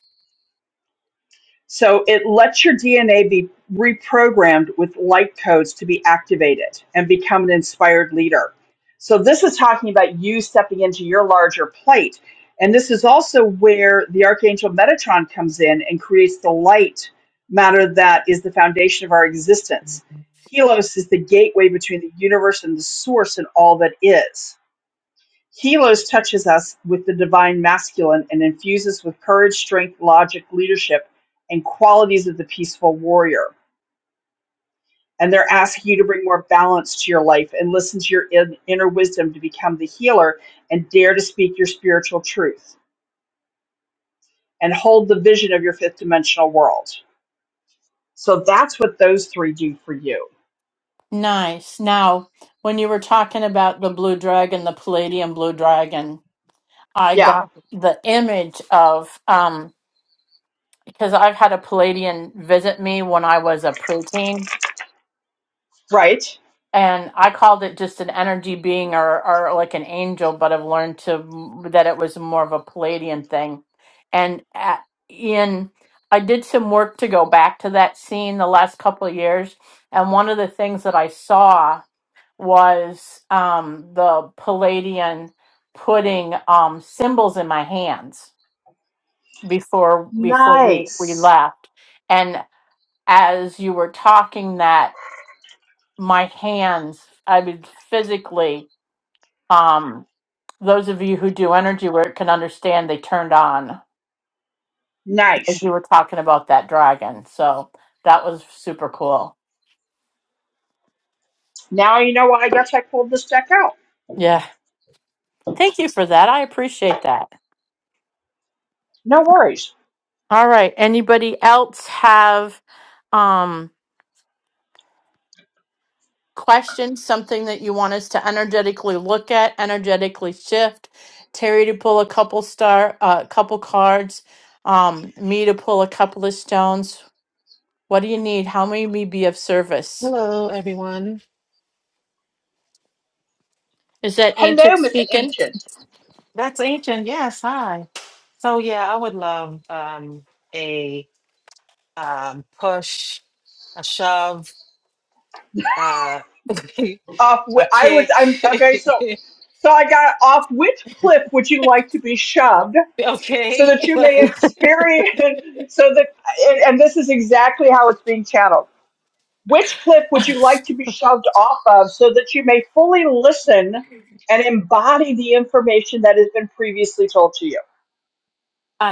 So it lets your DNA be reprogrammed with light codes to be activated and become an inspired leader. So this is talking about you stepping into your larger plate. And this is also where the Archangel Metatron comes in and creates the light matter that is the foundation of our existence. Helos is the gateway between the universe and the source and all that is. Helos touches us with the divine masculine and infuses with courage, strength, logic, leadership, and qualities of the peaceful warrior. And they're asking you to bring more balance to your life and listen to your in- inner wisdom to become the healer and dare to speak your spiritual truth and hold the vision of your fifth dimensional world. So that's what those three do for you. Nice. Now, when you were talking about the blue dragon, the palladium blue dragon, I Yeah, got the image of um because I've had a palladian visit me when I was a preteen right? and I called it just an energy being or, or like an angel, but I've learned to that it was more of a Palladian thing. And at, in I did some work to go back to that scene the last couple of years, and one of the things that I saw was um, the Palladian putting um, symbols in my hands before before we, we Nice. left, and as you were talking that my hands, I mean physically um, those of you who do energy work can understand they turned on as Nice. you were talking about that dragon. So that was super cool. Now you know why I guess I pulled this deck out. Yeah. Thank you for that. I appreciate that. No worries. All right. Anybody else have um questions, something that you want us to energetically look at, energetically shift? Terry to pull a couple star a couple cards, um, me to pull a couple of stones. What do you need? How may we be of service? Hello, everyone. Is that Hello, ancient Miss speaking? Ancient. That's ancient. Yes, hi. So yeah, I would love um, a um, push, a shove, uh, off. a Wh- I was. kick. I'm okay. So, so I got off. Which cliff would you like to be shoved so that okay, you may like experience? So that and, and this is exactly how it's being channeled. Which cliff would you like I to be shoved off of so that you may fully listen and embody the information that has been previously told to you?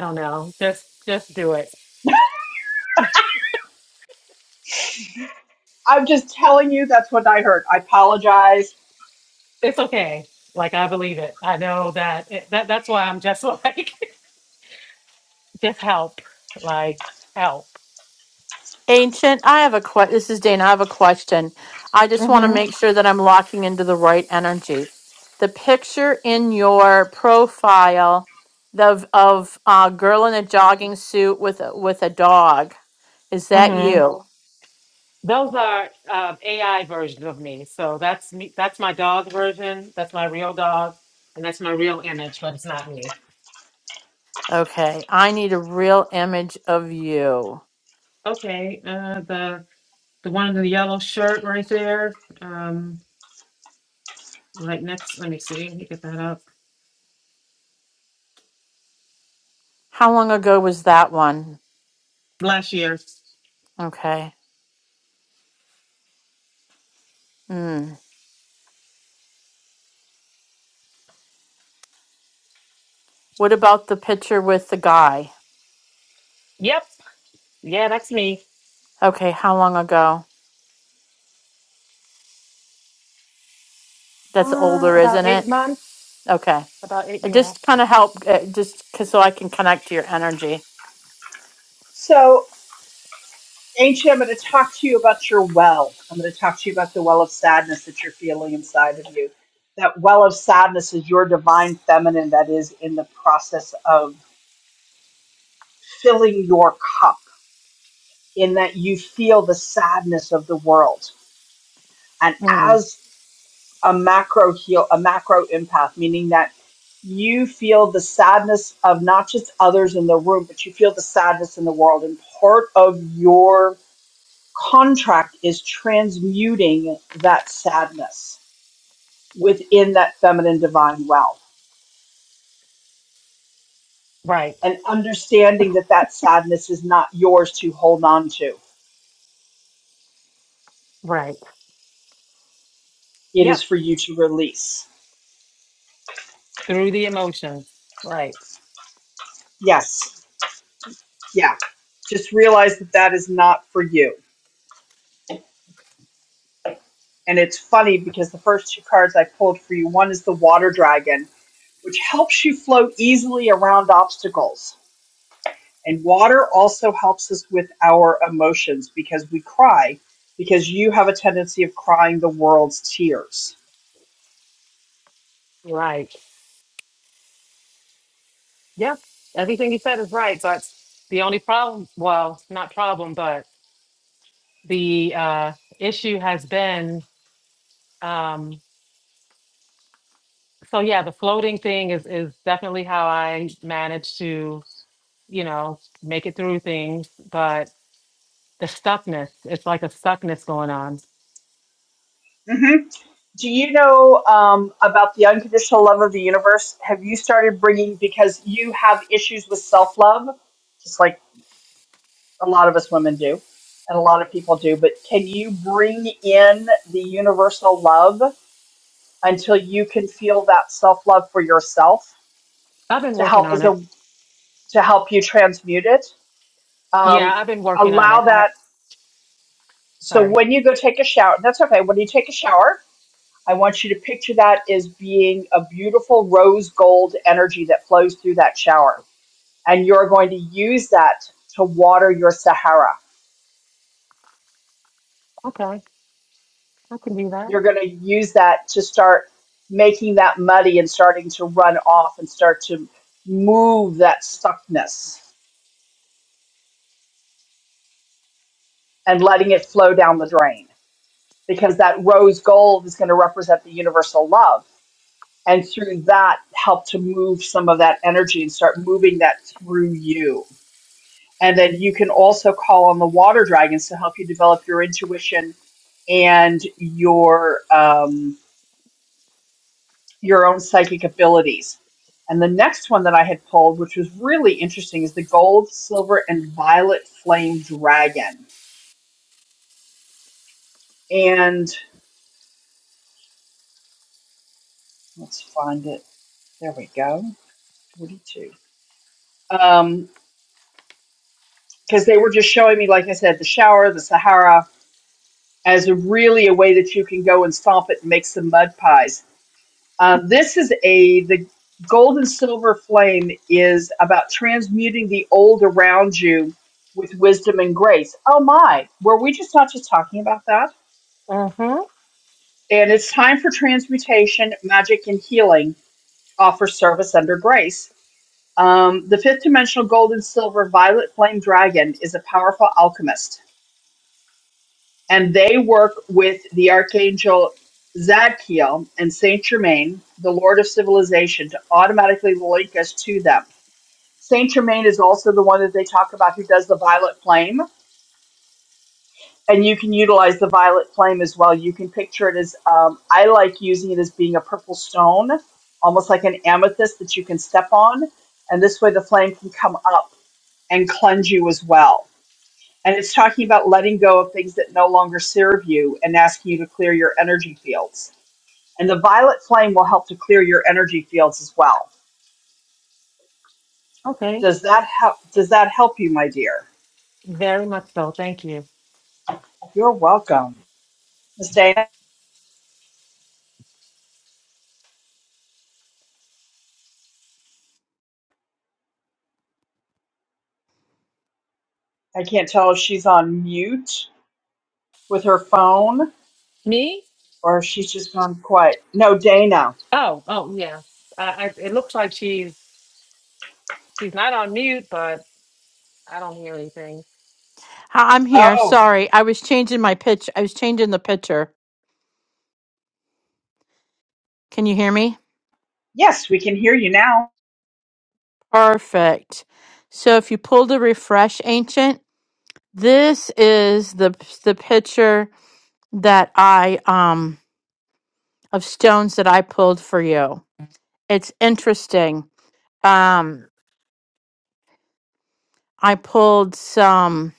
don't know. Just just do it. I'm just telling you that's what I heard. I apologize. It's okay. Like I believe it. I know that. It, that that's why I'm just like just help. Like help. Ancient, I have a question. This is Dana. I have a question. I just want to Mm-hmm. make sure that I'm locking into the right energy. The picture in your profile of of a girl in a jogging suit with a, with a dog. Is that you? Those are uh, AI versions of me. So that's me. That's my dog version. That's my real dog, and that's my real image, but it's not me. Okay. I need a real image of you. Okay, uh, the the one in the yellow shirt right there. Um, right next. Let me see. Let me get that up. How long ago was that one? Last year. Okay. Hmm. What about the picture with the guy? Yep. Yeah, that's me. Okay, how long ago? That's Uh, older, about isn't eight it? months. Okay. About eight. It Yeah. just kind of help, uh, just 'cause so I can connect to your energy. So Ancient, I'm going to talk to you about your well. I'm going to talk to you about the well of sadness that you're feeling inside of you. That well of sadness is your divine feminine that is in the process of filling your cup, in that you feel the sadness of the world. And Mm, as a macro heal, a macro empath, meaning that you feel the sadness of not just others in the room, but you feel the sadness in the world. And part of your contract is transmuting that sadness within that feminine divine well right. and understanding that that sadness is not yours to hold on to Right. it Yep. is for you to release Through the emotions. Right. yes yeah just realize that that is not for you and it's funny because the first two cards i pulled for you one is the water dragon which helps you float easily around obstacles And water also helps us with our emotions because we cry, because you have a tendency of crying the world's tears. Right. Yeah, everything you said is right, but the only problem, well, not problem, but the uh, issue has been, um, so yeah, the floating thing is is definitely how I manage to, you know, make it through things, but the stuckness, it's like a stuckness going on. hmm Do you know um, about the unconditional love of the universe? Have you started bringing, because you have issues with self love, just like a lot of us women do, and a lot of people do, but can you bring in the universal love until you can feel that self love for yourself I've been to working help on as it. a to help you transmute it Yeah, um, I've been working on allow it. I, that. So sorry. when you go take a shower, that's okay. When you take a shower, I want you to picture that as being a beautiful rose gold energy that flows through that shower. And you're going to use that to water your Sahara. Okay, I can do that. You're going to use that to start making that muddy and starting to run off and start to move that stuckness and letting it flow down the drain because that rose gold is going to represent the universal love and through that help to move some of that energy and start moving that through you and then you can also call on the water dragons to help you develop your intuition and your um, your own psychic abilities and the next one that i had pulled which was really interesting is the gold silver and violet flame dragon and let's find it there we go 42 um because they were just showing me like i said the shower the sahara as really a way that you can go and stomp it and make some mud pies. Um, this is a the gold and silver flame is about transmuting the old around you with wisdom and grace. Oh my, were we just not just talking about that? Uh-huh. And it's time for transmutation, magic, and healing. Offer service under grace. Um, the fifth dimensional gold and silver violet flame dragon is a powerful alchemist. and they work with the archangel Zadkiel and Saint Germain, the Lord of Civilization, to automatically link us to them. Saint Germain is also the one that they talk about who does the violet flame, and you can utilize the violet flame as well. You can picture it as um, I like using it as being a purple stone, almost like an amethyst that you can step on, and this way the flame can come up and cleanse you as well. And it's talking about letting go of things that no longer serve you and asking you to clear your energy fields. And the violet flame will help to clear your energy fields as well. Okay, Does that help does that help you, my dear? very much so. Thank you. You're welcome. Miss Dana, I can't tell if she's on mute with her phone Me? or if she's just gone quiet. No, Dana. Oh, oh yeah. I, I, it looks like she's she's not on mute, but I don't hear anything. Hi, I'm here. Oh. Sorry, I was changing my pitch. I was changing the picture. Can you hear me? Yes, we can hear you now. Perfect. So if you pull the refresh ancient, this is the the picture that I um of stones that I pulled for you. It's interesting. Um, I pulled some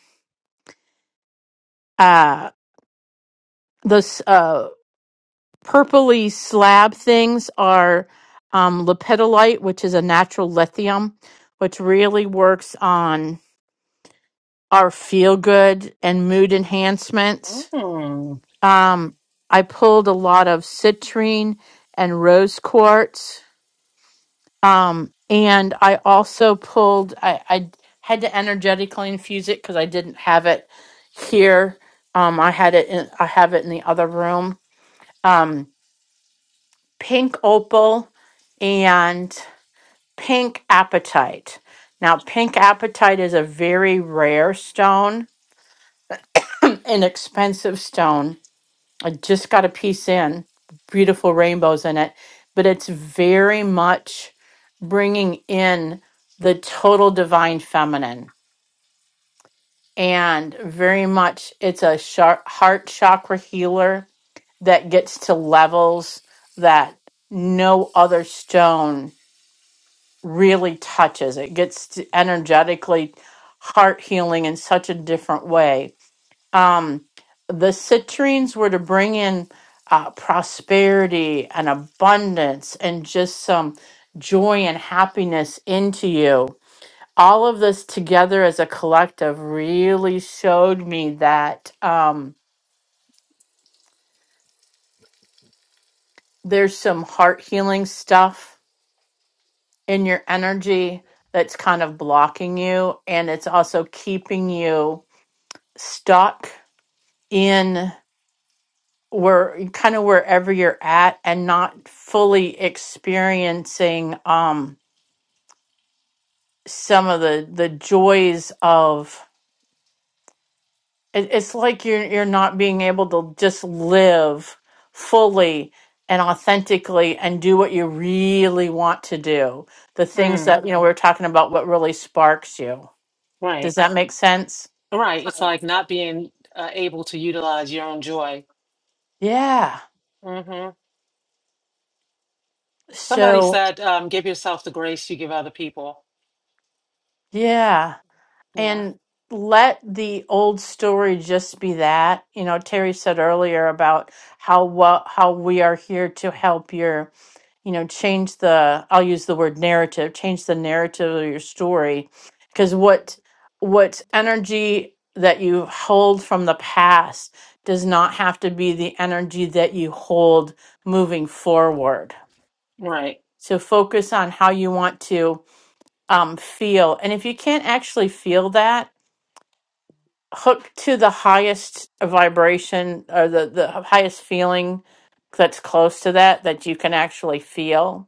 uh this. purpley slab things are um, lepidolite, which is a natural lithium, which really works on our feel good and mood enhancements. Mm. Um, I pulled a lot of citrine and rose quartz. Um, and I also pulled, I, I had to energetically infuse it because I didn't have it here. Um, I had it, in, I have it in the other room. Um, pink opal and pink appetite. Now, pink appetite is a very rare stone, an expensive stone. I just got a piece in, beautiful rainbows in it, but it's very much bringing in the total divine feminine and very much it's a char- heart chakra healer that gets to levels that no other stone really touches. It gets to energetically heart healing in such a different way. Um, the citrines were to bring in uh, prosperity and abundance and just some joy and happiness into you. All of this together as a collective really showed me that um, there's some heart healing stuff in your energy that's kind of blocking you and it's also keeping you stuck in where kind of wherever you're at and not fully experiencing um some of the the joys of it, it's like you're you're not being able to just live fully and authentically and do what you really want to do the things Mm. that you know we we're talking about what really sparks you Right. does that make sense Right. It's like not being uh, able to utilize your own joy. yeah hmm Somebody so said, um, give yourself the grace you give other people. yeah Yeah. and let the old story just be that you know terry said earlier about how well how we are here to help your you know change the i'll use the word narrative change the narrative of your story because what what energy that you hold from the past does not have to be the energy that you hold moving forward Right. so focus on how you want to um, feel and if you can't actually feel that hook to the highest vibration or the, the highest feeling that's close to that that you can actually feel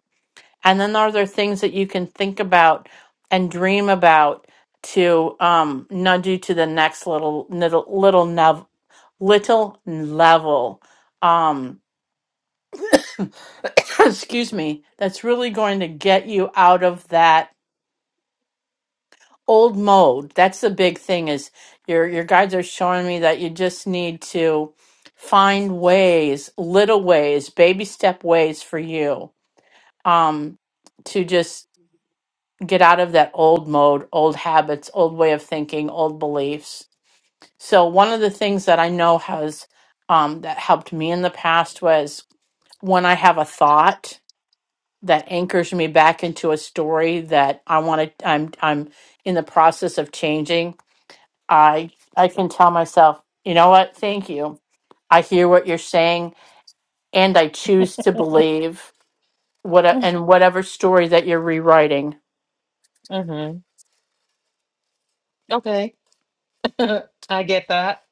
and then are there things that you can think about and dream about to um nudge you to the next little little little nev- little level um excuse me that's really going to get you out of that old mode that's the big thing is your your guides are showing me that you just need to find ways little ways baby step ways for you um to just get out of that old mode old habits old way of thinking old beliefs so one of the things that i know has um that helped me in the past was when i have a thought that anchors me back into a story that i want to i'm i'm in the process of changing I I can tell myself, you know what? Thank you. I hear what you're saying, and I choose to believe what and whatever story that you're rewriting. hmm Okay. I get that.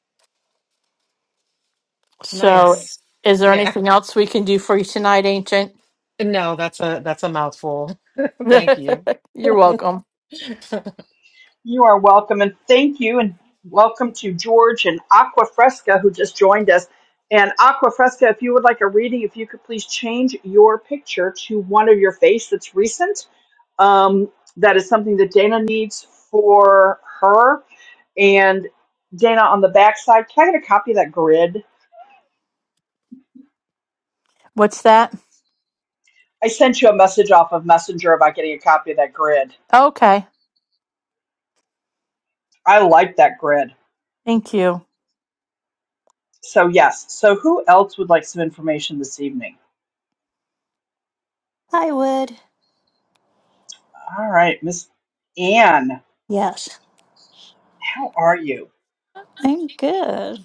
So, Nice. Yes. is there Yeah. anything else we can do for you tonight, Ancient? No, that's a that's a mouthful. Thank you. you're welcome. Good You are welcome, and thank you, and welcome to George and Aqua Fresca who just joined us. And Aqua Fresca, if you would like a reading, if you could please change your picture to one of your face that's recent. Um, that is something that Dana needs for her. And Dana, on the backside, can I get a copy of that grid? What's that? I sent you a message off of Messenger about getting a copy of that grid. Okay, I like that grid. thank you. So yes. So who else would like some information this evening? i would All right, Miss Anne, yes how are you? I'm good.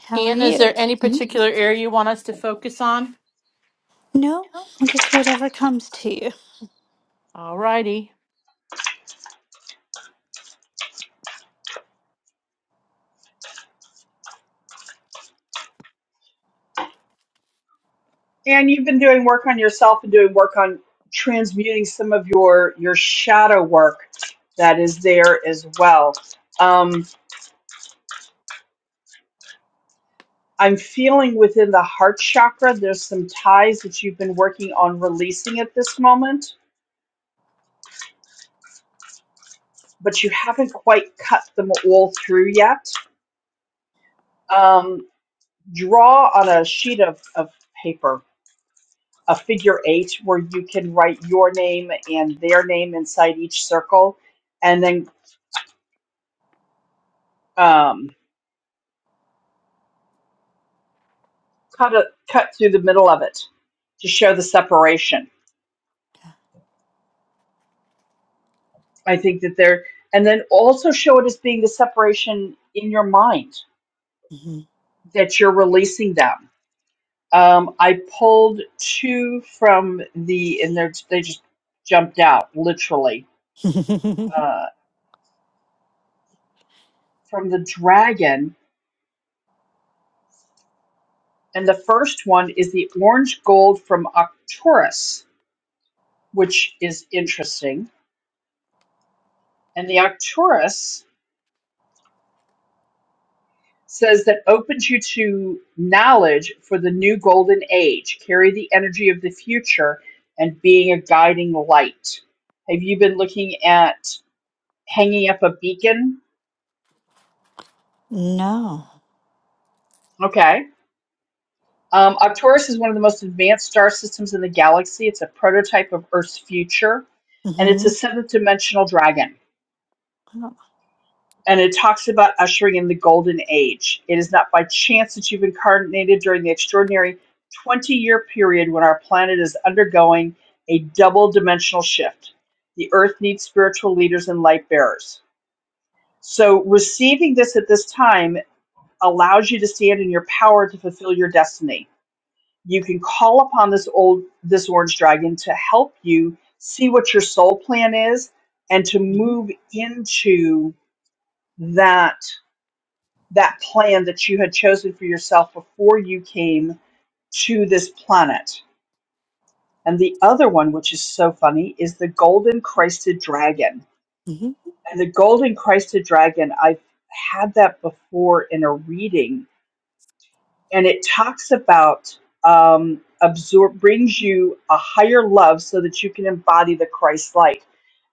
How are Anne, is you? there any Mhm. particular area you want us to focus on? No, just whatever comes to you. All righty. Anne, you've been doing work on yourself and doing work on transmuting some of your your shadow work that is there as well. Um, I'm feeling within the heart chakra there's some ties that you've been working on releasing at this moment, but you haven't quite cut them all through yet. Um, draw on a sheet of, of paper a figure eight where you can write your name and their name inside each circle and then um, cut a cut through the middle of it to show the separation. I think that there and then also show it as being the separation in your mind Mhm. that you're releasing them. Um, I pulled two from the and they're they just jumped out literally uh, from the dragon and the first one is the orange gold from Arcturus which is interesting. And the Arcturus says that opens you to knowledge for the new golden age, carry the energy of the future, and being a guiding light. Have you been looking at hanging up a beacon? no. Okay. Um, Arcturus is one of the most advanced star systems in the galaxy. It's a prototype of Earth's future, and it's a hmm seventh dimensional dragon. Oh. and it talks about ushering in the golden age. It is not by chance that you've incarnated during the extraordinary 20 year period when our planet is undergoing a double dimensional shift. The earth needs spiritual leaders and light bearers. So, receiving this at this time allows you to stand in your power to fulfill your destiny. You can call upon this old this orange dragon to help you see what your soul plan is and to hmm move into that that plan that you had chosen for yourself before you came to this planet. And the other one, which is so funny, is the golden crested dragon. hmm And the golden crested dragon, I've had that before in a reading, and it talks about um, absorb brings you a higher love so that you can embody the Christ light.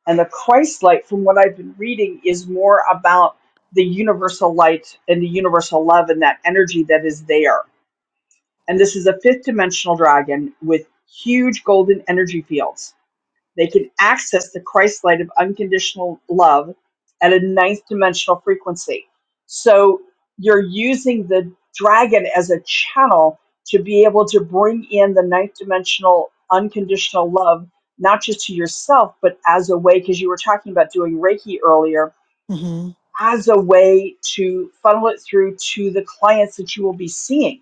And the Christ light, from what I've been reading, is more about the universal light and the universal love and that energy that is there and this is a fifth dimensional dragon with huge golden energy fields. They can access the Christ light of unconditional love at a ninth dimensional frequency. So you're using the dragon as a channel to be able to bring in the ninth dimensional unconditional love, not just to yourself, but as a way, because you were talking about doing Reiki earlier, hmm as a way to funnel it through to the clients that you will be seeing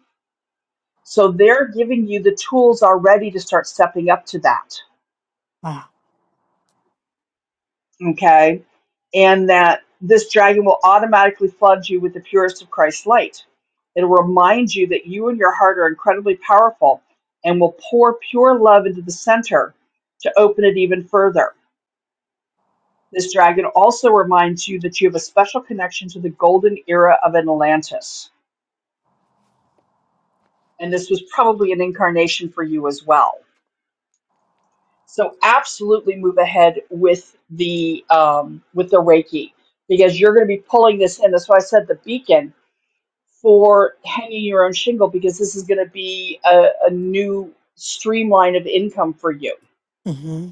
so they're giving you the tools already to start stepping up to that. Wow. Okay. And that this dragon will automatically flood you with the purest of Christ's light. It'll remind you that you and your heart are incredibly powerful and will pour pure love into the center to open it even further. This dragon also reminds you that you have a special connection to the golden era of Atlantis. And this was probably an incarnation for you as well. So absolutely move ahead with the um, with the Reiki because you're going to be pulling this in. That's why I said the beacon for hanging your own shingle because this is going to be a, a new streamline of income for you hmm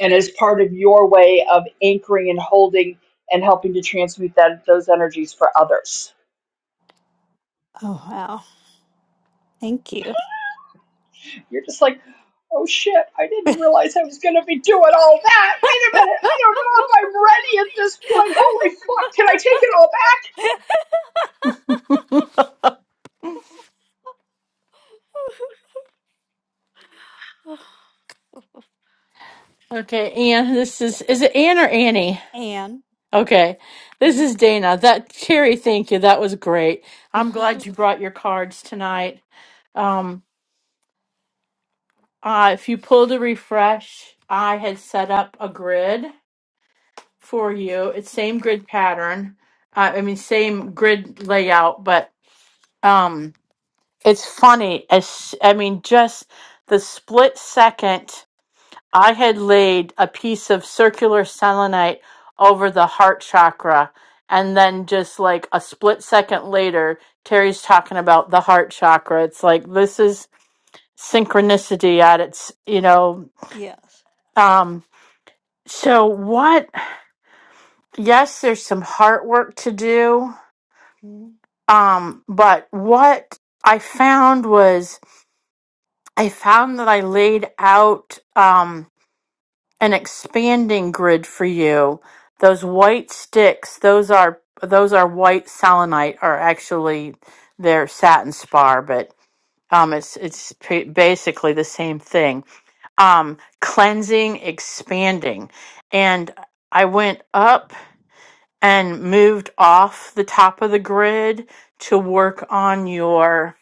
and as part of your way of anchoring and holding and helping to transmute that those energies for others. Oh, wow. Thank you. You're just like, oh shit, I didn't realize I was going to be doing all that. Wait a minute, I don't know if I'm ready at this point. Holy fuck, can I take it all Okay, Anne. This yeah. is is it Anne or Annie? Anne. Okay, this Mhm. is Dana. That Terry, thank you. That was great. I'm glad you brought your cards tonight. Um, uh, if you pull the refresh, I had set up a grid for you. It's same grid pattern. Uh, I mean, same grid layout, but um, it's funny. As I mean, just the split second. I had laid a piece of circular selenite over the heart chakra. And then just like a split second later, Terry's talking about the heart chakra. It's like this is synchronicity at its, you know, yes. um so what yes, there's some heart work to do. Mhm. Um, but what I found was I found that I laid out um an expanding grid for you. Those white sticks, those are those are white selenite, are actually they're satin spar, but um, it's it's pa- basically the same thing. Um, cleansing, expanding, and I went up and moved off the top of the grid to work on your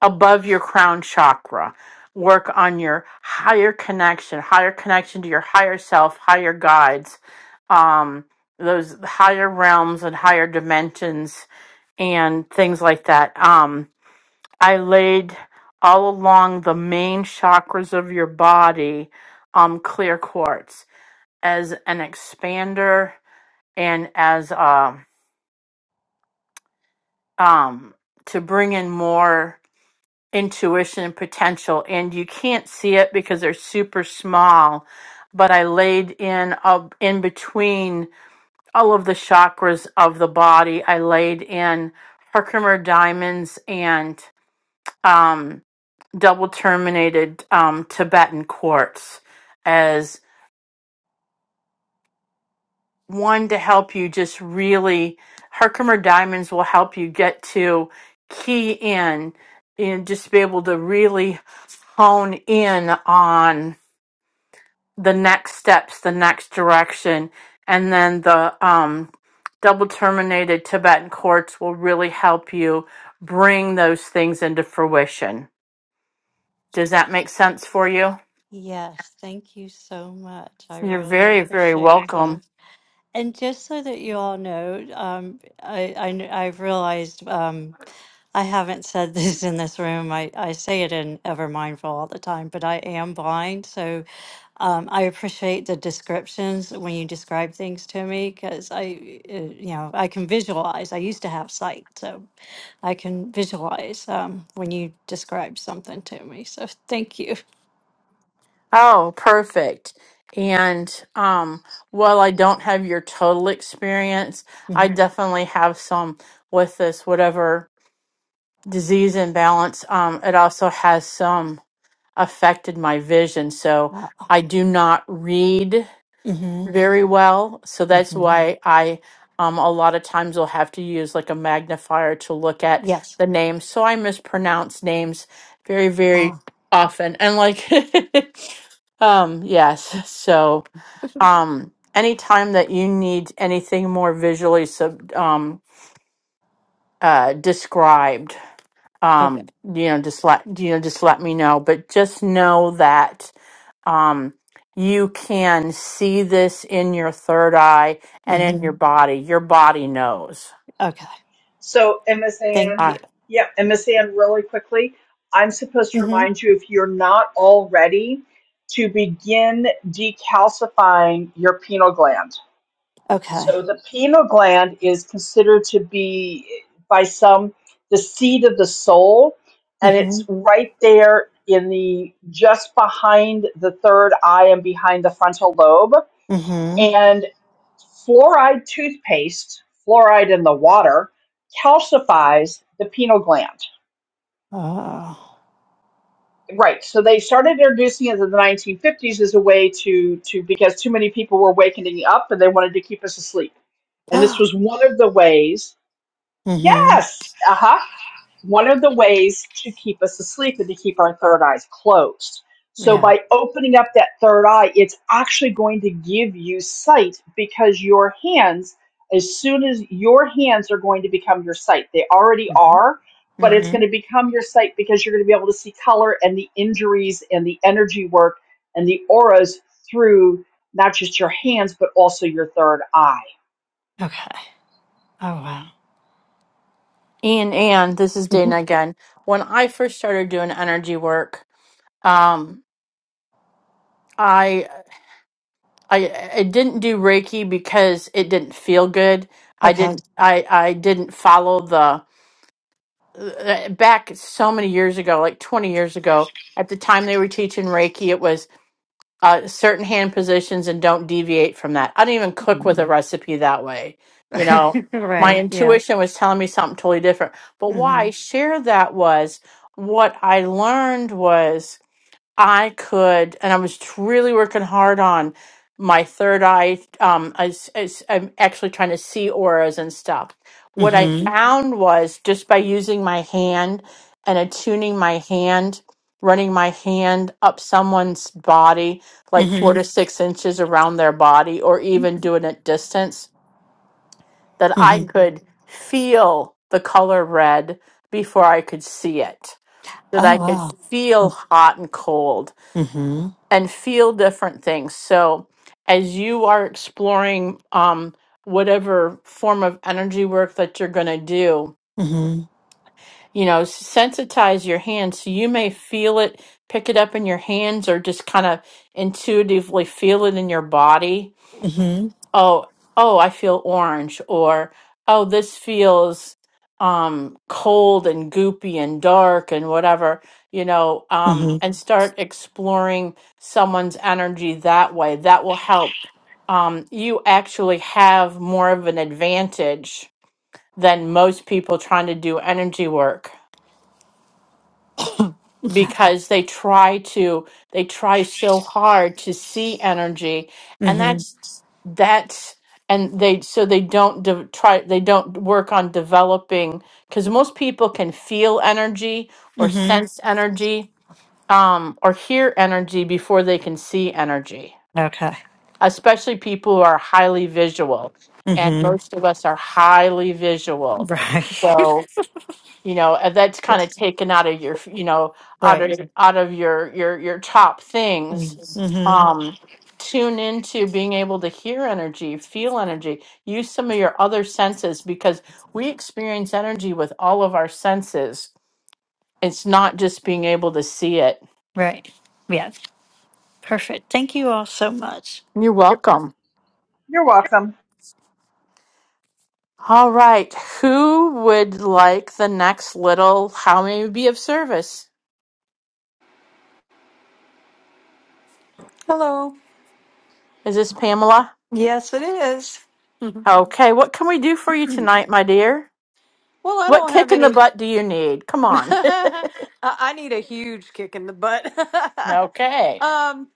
above your crown chakra. Work on your higher connection, higher connection to your higher self, higher guides, um, those higher realms and higher dimensions, and things like that. Um, I laid all along the main chakras of your body um, clear quartz as an expander and as um um, to bring in more. intuition potential and you can't see it because they're super small but i laid in up in between all of the chakras of the body i laid in herkimer diamonds and um, double terminated um, tibetan quartz as one to help you just really herkimer diamonds will help you get to key in and just be able to really hone in on the next steps, the next direction, and then the um, double terminated Tibetan quartz will really help you bring those things into fruition. Does that make sense for you? Yes. Thank you so much. I You're really very, very appreciate that. welcome. And just so that you all know, um, I, I kn- I've realized um, I haven't said this in this room. I, I say it in Ever Mindful all the time, but I am blind. So um, I appreciate the descriptions when you describe things to me because I, uh, you know, I can visualize. I used to have sight, so I can visualize um, when you describe something to me. So thank you. Oh, perfect. And um, while I don't have your total experience, I Mm-hmm. definitely have some with this, whatever disease imbalance. Um, it also has some. affected my vision. So Uh, I do not read mm-hmm. very well. So that's Mm-hmm. why I um a lot of times will have to use like a magnifier to look at Yes. the names. So I mispronounce names very, very Ah, often. And like um yes. So um anytime that you need anything more visually sub um uh described okay. um you know just let you know just let me know but just know that um you can see this in your third eye and in your Mm-hmm. body your body knows Okay. So, Ms. Thank Ann, you. uh, yeah, and Ms. really quickly, I'm supposed to Mm-hmm. remind you if you're not already to begin decalcifying your pineal gland. Okay. So, the pineal gland is considered to be, by some, the seat of the soul, and Mm-hmm. it's right there in the just behind the third eye and behind the frontal lobe. Mm-hmm. and Fluoride toothpaste, fluoride in the water, calcifies the pineal gland. Oh. Right. So they started introducing it in the 1950s as a way to to because too many people were wakening up and they wanted to keep us asleep. And this was one of the ways. mm-hmm. Yes. Uh huh. one of the ways to keep us asleep is to keep our third eyes closed. So, Yeah. by opening up that third eye, it's actually going to give you sight because your hands, as soon as your hands are going to become your sight, they already Mm-hmm. are, but it's Mm-hmm. going to become your sight because you're going to be able to see color and the injuries and the energy work and the auras through not just your hands, but also your third eye. Okay. Oh wow. and and this is hmm dana again when i first started doing energy work um i i i didn't do reiki because it didn't feel good i Okay. didn't i i didn't follow the uh, back so many years ago, like 20 years ago, at the time they were teaching Reiki, it was uh, certain hand positions and don't deviate from that. I didn't even cook Mhm. with a recipe that way. You know, my right. Yeah. intuition was telling me something totally different. But why Mm-hmm. I shared that was what I learned was. I could, and I was tr- really working hard on my third eye. Um, I, s- I s- I'm actually trying to see auras and stuff. What I Mhm. Mm-hmm. found was just by using my hand and attuning my hand, running my hand up someone's body, like four to Mm-hmm. Mhm. six inches around their body, or even doing it distance, that I Mm-hmm. Mhm. could feel the color red before I could see it, that I Oh could wow. feel hot and cold Mm-hmm. and feel different things. So, as you are exploring um, whatever form of energy work that you're going to do, Mm-hmm. you know, sensitize your hands so you may feel it, pick it up in your hands, or just kind of intuitively feel it in your body Mm-hmm. oh oh i feel orange or oh this feels um cold and goopy and dark and whatever you know um Mm-hmm. and start exploring someone's energy that way that will help um you actually have more of an advantage than most people trying to do energy work because they try to they try so hard to see energy and mm-hmm. that's that's and they so they don't de- try they don't work on developing because most people can feel energy or Mm-hmm. sense energy um, or hear energy before they can see energy Okay. especially people who are highly visual and Mm-hmm. most of us are highly visual Right. you know and that's kind of taken out of your f- you know out right. of out of your your your top things Mm-hmm. um tune into being able to hear energy feel energy use some of your other senses because we experience energy with all of our senses it's not just being able to see it Right. Yeah. Perfect. Thank you all so much. you're welcome You're welcome. all right who would like the next little how may we be of service Hello. is this pamela Yes, it is. okay what can we do for you tonight my dear Well, I What don't have kick in the any butt do you need? Come on. I I need a huge kick in the butt. um okay. I'm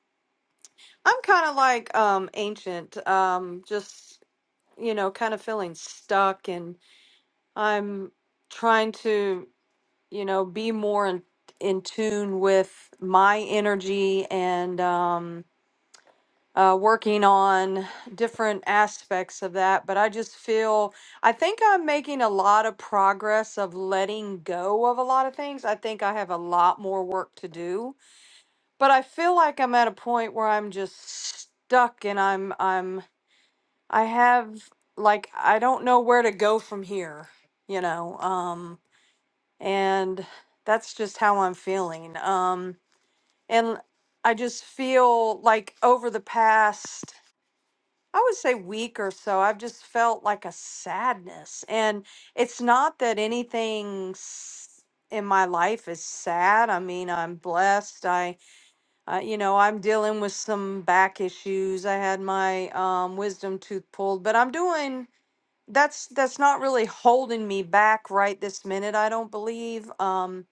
kind of like um ancient. Um just you know, kind of feeling stuck and I'm trying to, you know, be more in, in tune with my energy and um, uh, working on different aspects of that. But I just feel, I think I'm making a lot of progress of letting go of a lot of things. I think I have a lot more work to do, but I feel like I'm at a point where I'm just stuck and I'm, I'm, I have like I don't know where to go from here, you know. Um and that's just how I'm feeling. Um and I just feel like over the past I would say week or so, I've just felt like a sadness. And it's not that anything s- in my life is sad. I mean, I'm blessed. I uh, you know, I'm dealing with some back issues. I had my um, wisdom tooth pulled, but I'm doing that's that's not really holding me back right this minute i don't believe um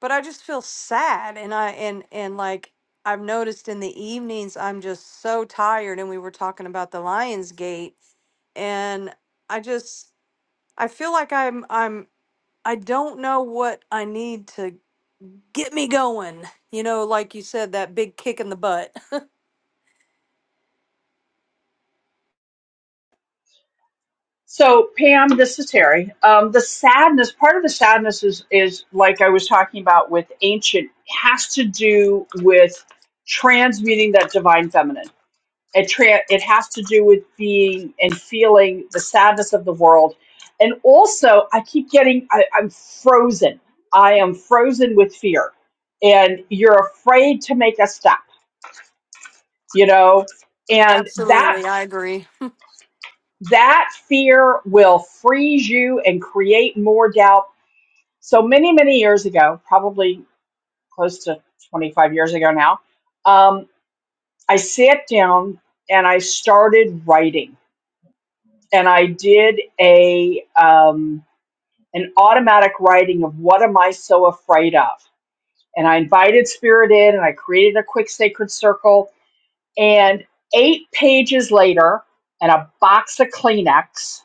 but i just feel sad and i and and like i've noticed in the evenings i'm just so tired and we were talking about the lions gate and i just i feel like i'm i'm i don't know what i need to get me going you know like you said that big kick in the butt So Pam, this is Terry. Um, the sadness, part of the sadness is, is like I was talking about with ancient, has to do with transmuting that divine feminine. It tra- it has to do with being and feeling the sadness of the world, and also I keep getting I, I'm frozen. I am frozen with fear, and you're afraid to make a step. You know, and that absolutely i agree that fear will freeze you and create more doubt. So many, many years ago, probably close to 25 years ago now, um, I sat down and I started writing, and I did a um, an automatic writing of what am I so afraid of, and I invited spirit in, and I created a quick sacred circle, and eight pages later, and a box of Kleenex.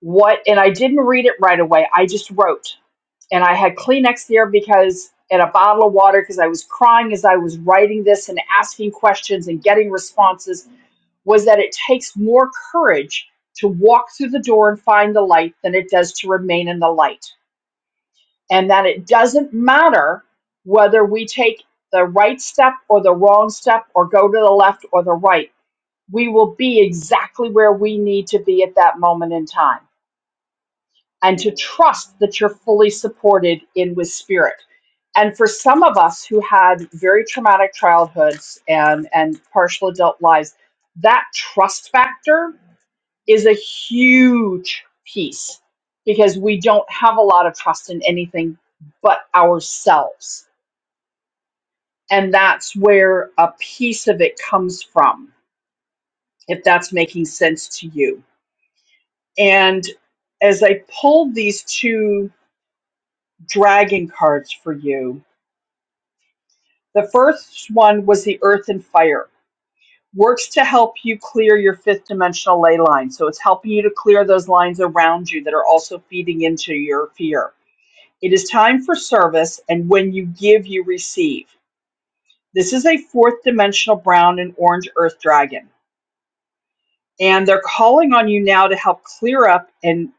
what and I didn't read it right away. I just wrote. And I had Kleenex there because and a bottle of water because I was crying as I was writing this and asking questions and getting responses was that it takes more courage to walk through the door and find the light than it does to remain in the light. And that it doesn't matter whether we take the right step or the wrong step or go to the left or the right. We will be exactly where we need to be at that moment in time and to trust that you're fully supported in with spirit. And for some of us who had very traumatic childhoods and, and partial adult lives, that trust factor is a huge piece because we don't have a lot of trust in anything but ourselves. And that's where a piece of it comes from, if that's making sense to you. And as I pulled these two dragon cards for you, The first one was the earth and fire. Works to help you clear your fifth dimensional ley line. So it's helping you to clear those lines around you that are also feeding into your fear. It is time for service, and when you give, you receive. This is a fourth dimensional brown and orange earth dragon. And they're calling on you now to help clear up and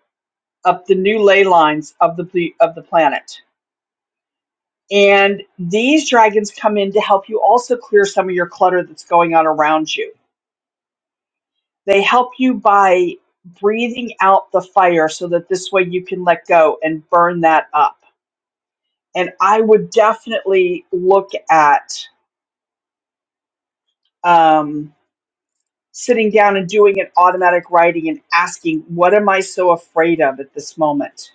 up the new ley lines of the of the planet. And these dragons come in to help you also clear some of your clutter that's going on around you They help you by breathing out the fire so that this way you can let go and burn that up. And I would definitely look at um, sitting down and doing an automatic writing and asking, what am I so afraid of at this moment?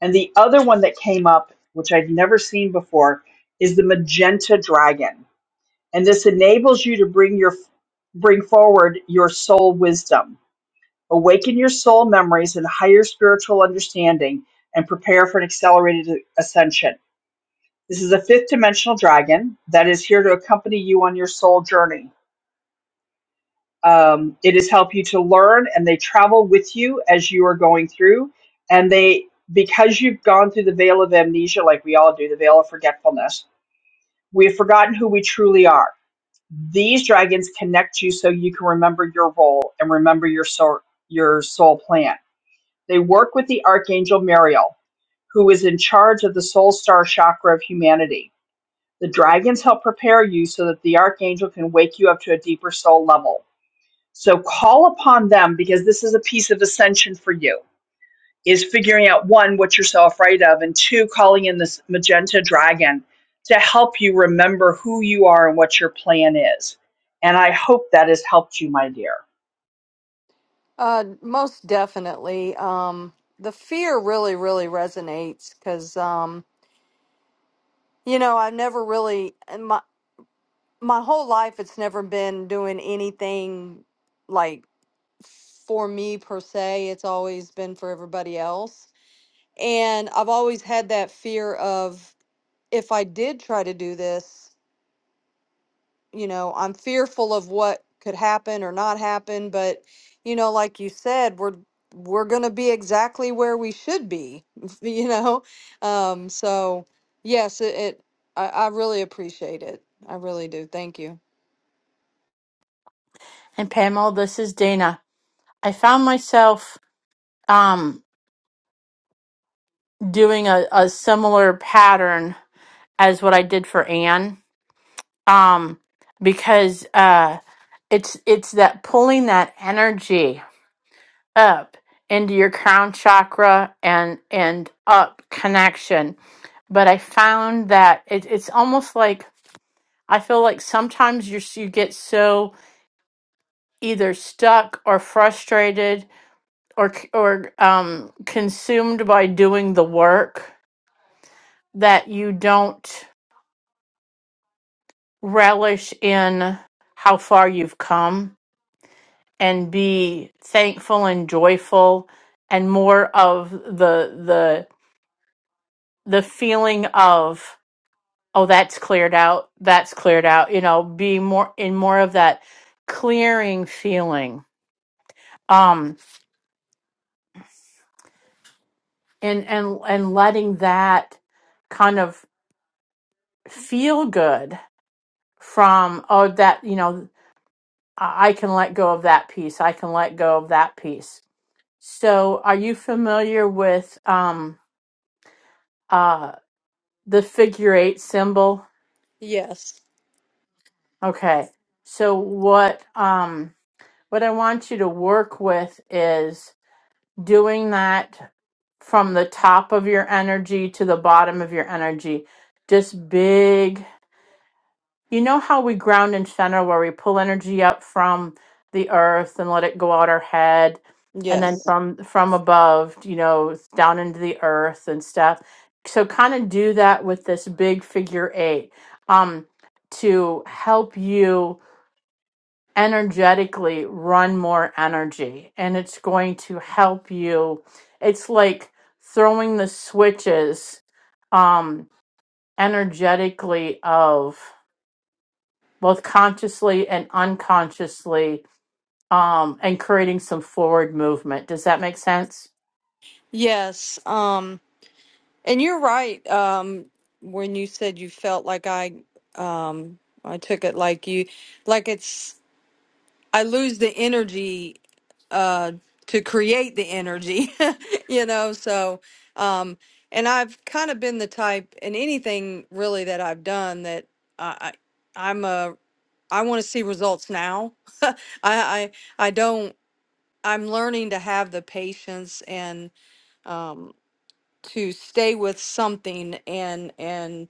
And the other one that came up, which I'd never seen before, is the magenta dragon. And this enables you to bring your bring forward your soul wisdom Awaken your soul memories and higher spiritual understanding and prepare for an accelerated ascension. This is a fifth dimensional dragon that is here to accompany you on your soul journey. Um, it has helped you to learn and they travel with you as you are going through. And they, because you've gone through the veil of amnesia, like we all do, the veil of forgetfulness, we have forgotten who we truly are. These dragons connect you so you can remember your role and remember your soul, your soul plan They work with the archangel Mariel, who is in charge of the soul star chakra of humanity. The dragons help prepare you so that the archangel can wake you up to a deeper soul level. So call upon them because this is a piece of ascension for you. Is figuring out one what you're so afraid of and two calling in this magenta dragon to help you remember who you are and what your plan is. And I hope that has helped you, my dear. Uh, most definitely. Um, the fear really, really resonates because, um, you know, I've never really in my my whole life. It's never been doing anything like for me per se. It's always been for everybody else, and I've always had that fear of if I did try to do this. you know, I'm fearful of what could happen or not happen, but you know, like you said, we're we're going to be exactly where we should be, you know. Um so yes, it, it I I really appreciate it. I really do. Thank you. And Pamela, this is Dana. I found myself um, doing a, a similar pattern as what I did for Anne, um, because uh, it's it's that pulling that energy up into your crown chakra and and up connection. But I found that it, it's almost like I feel like sometimes you you get so either stuck or frustrated or c- or um, consumed by doing the work that you don't relish in how far you've come and be thankful and joyful and more of the the the feeling of oh that's cleared out that's cleared out you know be more in more of that clearing feeling um and and and letting that kind of feel good from oh that you know i I can let go of that piece i can let go of that piece so are you familiar with um uh the figure eight symbol Yes. okay so what um what i want you to work with is doing that from the top of your energy to the bottom of your energy just big You know how we ground and center where we pull energy up from the earth and let it go out our head and then Yes. from from above, you know, down into the earth and stuff. So kind of do that with this big figure eight um to help you energetically run more energy and it's going to help you it's like throwing the switches um energetically of both consciously and unconsciously um, and creating some forward movement. Does that make sense? Yes. Um and you're right um when you said you felt like I um I took it like you like it's I lose the energy uh to create the energy, you know, so um and I've kind of been the type in anything really that I've done that I, I I'm a I want to see results now. I I I don't I'm learning to have the patience and um to stay with something and and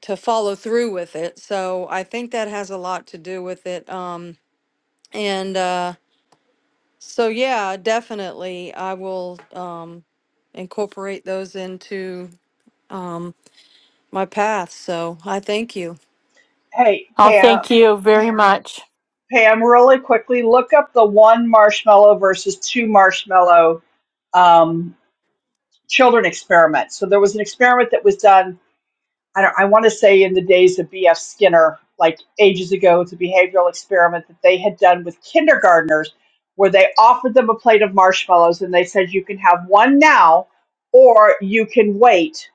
to follow through with it. So I think that has a lot to do with it. Um and uh, So yeah, definitely. I will um, incorporate those into um, my path. So I thank you. Hey, Oh, Tam, thank you very much, Pam, really quickly, look up the one marshmallow versus two marshmallow um, children experiment. So there was an experiment that was done. I don't. I want to say in the days of B.F. Skinner, like ages ago, it's a behavioral experiment that they had done with kindergartners, where they offered them a plate of marshmallows and they said you can have one now, or you can wait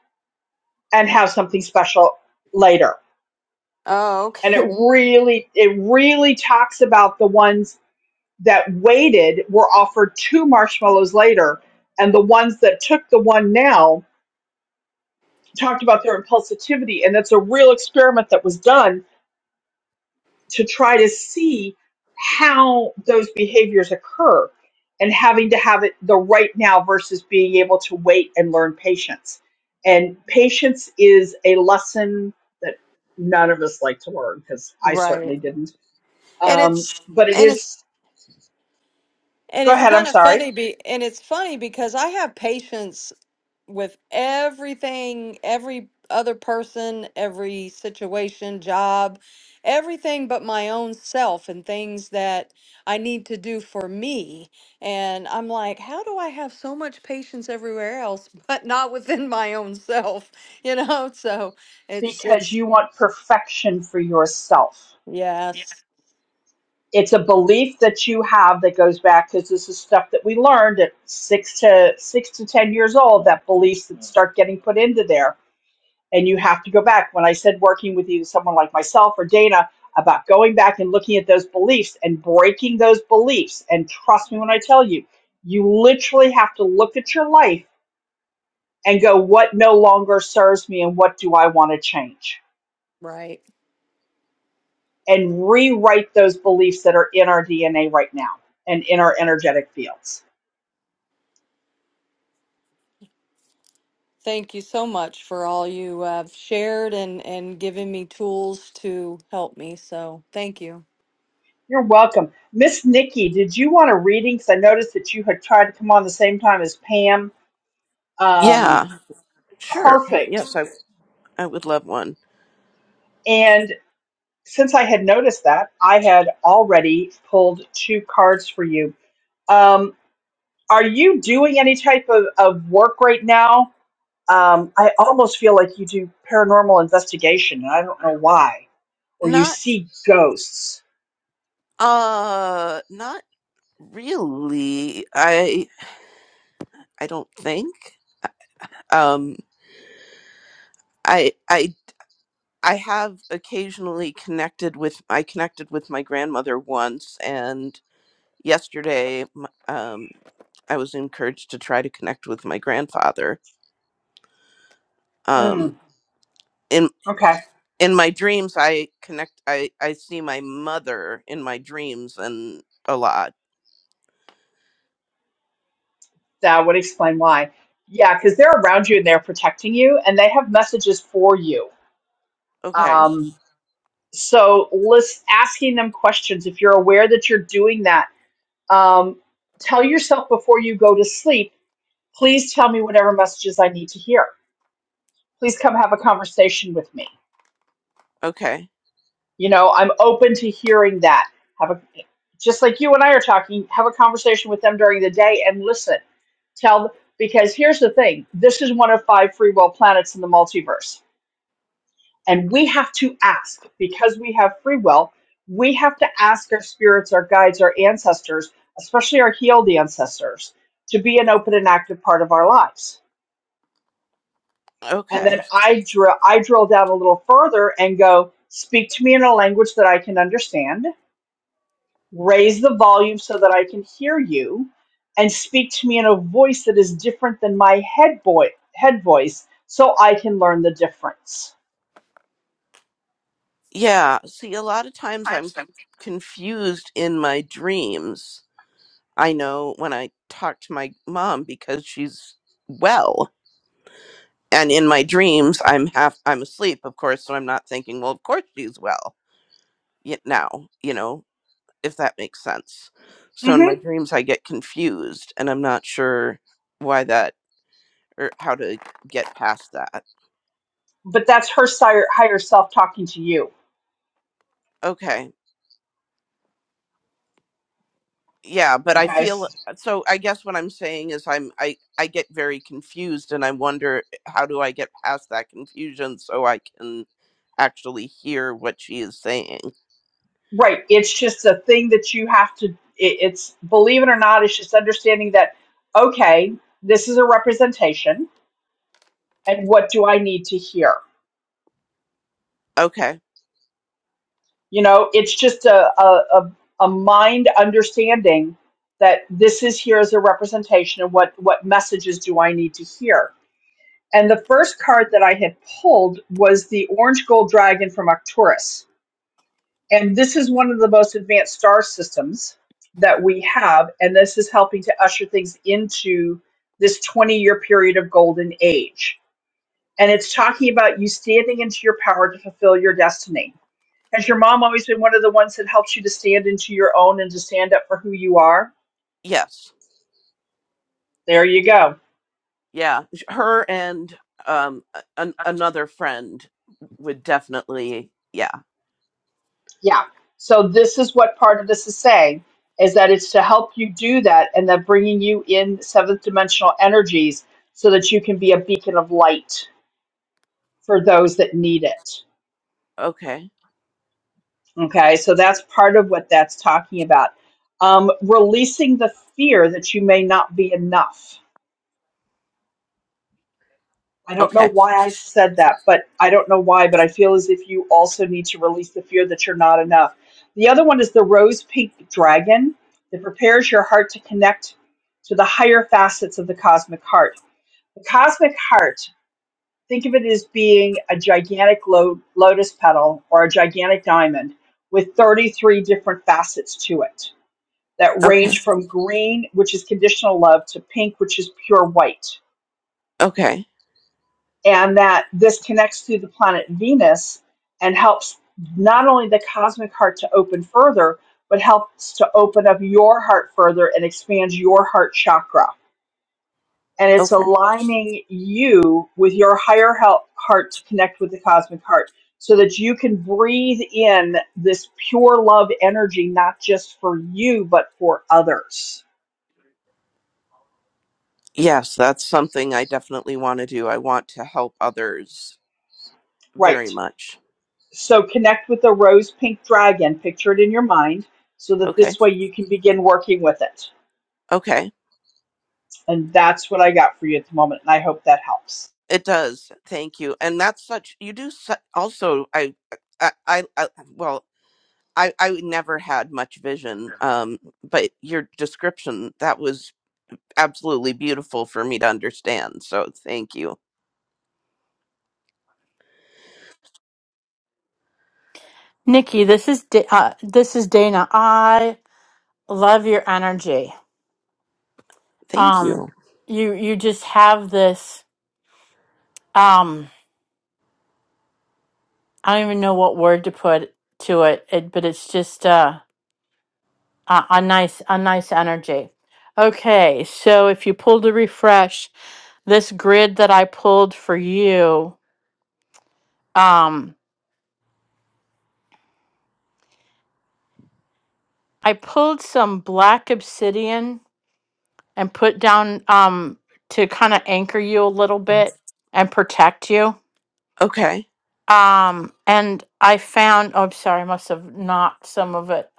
and have something special later. Oh, okay. And it really, it really talks about the ones that waited were offered two marshmallows later, and the ones that took the one now talked about their impulsivity, and that's a real experiment that was done to try to see how those behaviors occur and having to have it the right now versus being able to wait and learn patience. And patience is a lesson that none of us like to learn because I Right. certainly didn't. And Um, it's but it and it's is, and go it's ahead, I'm kind of sorry. funny be and it's funny because I have patience with everything, every other person, every situation, job, everything but my own self and things that I need to do for me. And I'm like, how do I have so much patience everywhere else, but not within my own self? You know, so it's, because it's, you want perfection for yourself. yes, It's a belief that you have that goes back because this is stuff that we learned at six to six to ten years old. That beliefs that start getting put into there, and you have to go back. When I said working with either someone like myself or Dana about going back and looking at those beliefs and breaking those beliefs, and trust me when I tell you, you literally have to look at your life and go, "What no longer serves me, and what do I want to change?" right. and rewrite those beliefs that are in our DNA right now and in our energetic fields. Thank you so much for all you have shared and, and giving me tools to help me. So thank you. You're welcome. Miss Nikki, did you want a reading? Because I noticed that you had tried to come on the same time as Pam. Um, Yeah, sure. perfect. Yes, I I would love one. And since I had noticed that, I had already pulled two cards for you. Um, are you doing any type of, of work right now? Um, I almost feel like you do paranormal investigation, and I don't know why. Or you Not see ghosts. uh not really. I I don't think. Um I I I have occasionally connected with I connected with my grandmother once and yesterday m- um I was encouraged to try to connect with my grandfather. Hmm. Um in Okay, in my dreams I connect I I see my mother in my dreams and a lot. that would explain why. Yeah, because they're around you and they're protecting you, and they have messages for you. Okay. Um, so, list asking them questions. If you're aware that you're doing that, um, tell yourself before you go to sleep. Please tell me whatever messages I need to hear. Please come have a conversation with me. Okay. You know, I'm open to hearing that. Have a just like you and I are talking. Have a conversation with them during the day and listen tell because here's the thing this is one of five free will planets in the multiverse and we have to ask because we have free will we have to ask our spirits our guides our ancestors especially our healed ancestors to be an open and active part of our lives and then Okay. i drill i drill down a little further and go speak to me in a language that i can understand raise the volume so that I can hear you, and speak to me in a voice that is different than my head boy head voice, so I can learn the difference. Yeah. See, a lot of times I'm c- confused in my dreams. I know when I talk to my mom because she's well. And in my dreams, I'm half, I'm asleep, of course. So I'm not thinking, well, of course she's well y- now, you know, if that makes sense. So in my hmm dreams, I get confused and I'm not sure why that or how to get past that. But that's her higher, higher self talking to you. Okay. yeah but i Okay, feel uh, so i guess what i'm saying is i'm i i get very confused and i wonder eh, how do i get past that confusion so i can actually hear what she is saying right? It's just a thing that you have to. It, it's believe it or not. It's just understanding that okay, this is a representation, and what do I need to hear? okay You know, it's just a, a, a, a mind understanding that this is here as a representation of what, what messages do I need to hear. And the first card that I had pulled was the orange gold dragon from Arcturus. And this is one of the most advanced star systems that we have. And this is helping to usher things into this 20 year period of golden age. And it's talking about you standing into your power to fulfill your destiny has your mom always been one of the ones that helps you to stand into your own and to stand up for who you are? yes There you go. yeah sh- her and um a- an, another friend would definitely yeah Yeah. So this is what part of this is saying is that it's to help you do that and that bringing you in seventh dimensional energies so that you can be a beacon of light for those that need it. okay Okay? So that's part of what that's talking about. Um, releasing the fear that you may not be enough I don't know okay why I said that, but I don't know why, but I feel as if you also need to release the fear that you're not enough. The other one is the rose pink dragon that prepares your heart to connect to the higher facets of the cosmic heart. The cosmic heart, think of it as being a gigantic lo- lotus petal or a gigantic diamond with 33 different facets to it that okay range from green, which is conditional love, to pink, which is pure white okay and that this connects to the planet Venus and helps not only the cosmic heart to open further, but helps to open up your heart further and expands your heart chakra. And it's okay aligning you with your higher help, heart to connect with the cosmic heart so that you can breathe in this pure love energy, not just for you, but for others. yes that's something i definitely want to do i want to help others Right. very much So connect with the rose pink dragon, picture it in your mind, so that okay this way you can begin working with it. Okay. And that's what I got for you at the moment, and I hope that helps. It does. Thank you. And that's such you do su- also I I I, I well I I never had much vision um but your description that was absolutely beautiful for me to understand. So thank you. Nikki. This is Da- uh, this is Dana. I love your energy. Thank Um, you. you you just have this. Um, I don't even know what word to put to it, it but it's just uh, a, a nice a nice energy. Okay, so if you pulled a refresh, this grid that I pulled for you, um, I pulled some black obsidian and put down um to kind of anchor you a little bit and protect you. Okay. Um and I found oh I'm sorry, I must have knocked some of it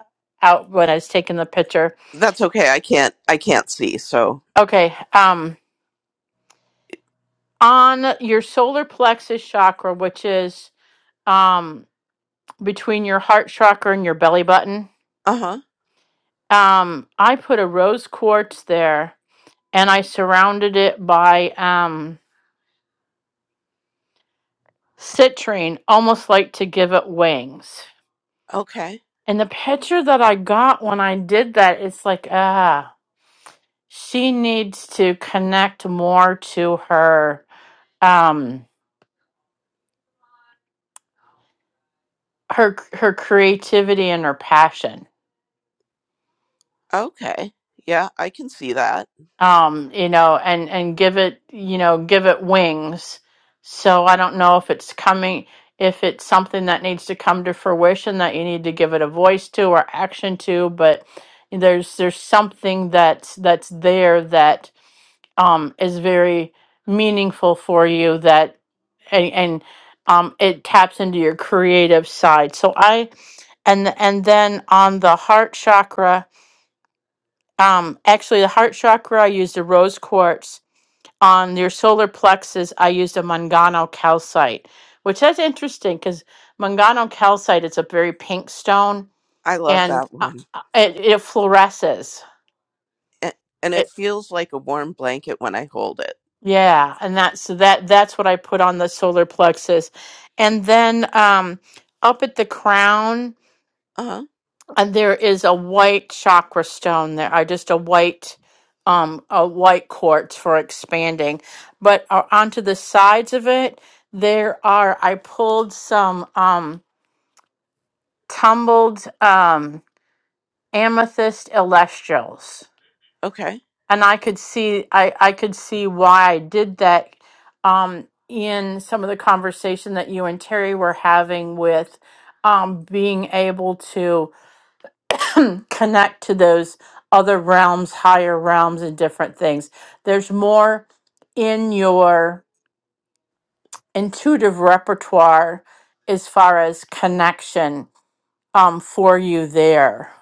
out when I was taking the picture. That's okay. I can't I can't see. So Okay. Um on your solar plexus chakra, which is um between your heart chakra and your belly button, Uh-huh. um, I put a rose quartz there and I surrounded it by um citrine, almost like to give it wings. Okay. And the picture that I got when I did that, it's like, ah, she needs to connect more to her um her her creativity and her passion Okay. Yeah, I can see that. um, you know, and and give it, you know, give it wings. So I don't know if it's coming, if it's something that needs to come to fruition that you need to give it a voice to or action to, but there's there's something that's that's there that um, is very meaningful for you that and, and um, it taps into your creative side. So I and and then on the heart chakra, um, actually the heart chakra I used a rose quartz on your solar plexus, I used a Mangano calcite, which is interesting because Mangano calcite is a very pink stone I love and that uh, one. uh, it, it fluoresces. and, and it It, feels like a warm blanket when I hold it. yeah, and that's so that that's what I put on the solar plexus, and then um, up at the crown. Uh huh. And there is a white chakra stone there. I just a white, um, a white quartz for expanding. But uh, onto the sides of it, there are. I pulled some um, tumbled um, amethyst celestials, Okay. and I could see. I I could see why I did that. Um, in some of the conversation that you and Terry were having with um, being able to connect to those other realms, higher realms, and different things. There's more in your intuitive repertoire as far as connection um, for you there.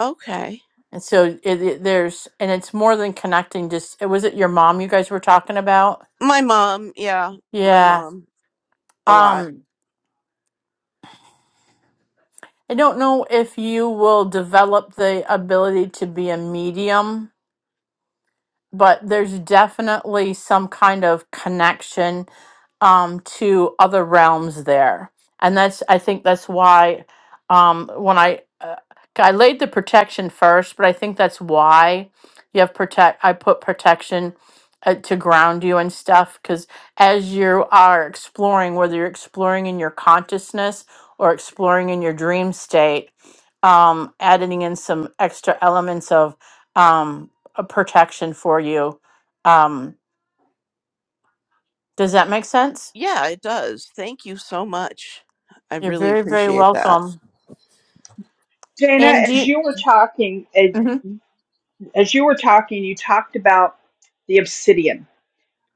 Okay. And so it, it- there's, and it's more than connecting. Just was it your mom you guys were talking about? My mom. Yeah. My Yeah. mom. A lot. Um, I don't know if you will develop the ability to be a medium but there's definitely some kind of connection um, to other realms there, and that's I think that's why um, when I uh, I laid the protection first, but I think that's why you have protect. I put protection uh, to ground you and stuff because as you are exploring, whether you're exploring in your consciousness or exploring in your dream state, um, adding in some extra elements of. um, a protection for you. Um, does that make sense? Yeah, it does. Thank you so much. I You're really very, very appreciate that. welcome. Dana, And do as you, you were talking, eh, mhm. as you were talking, you talked about the obsidian.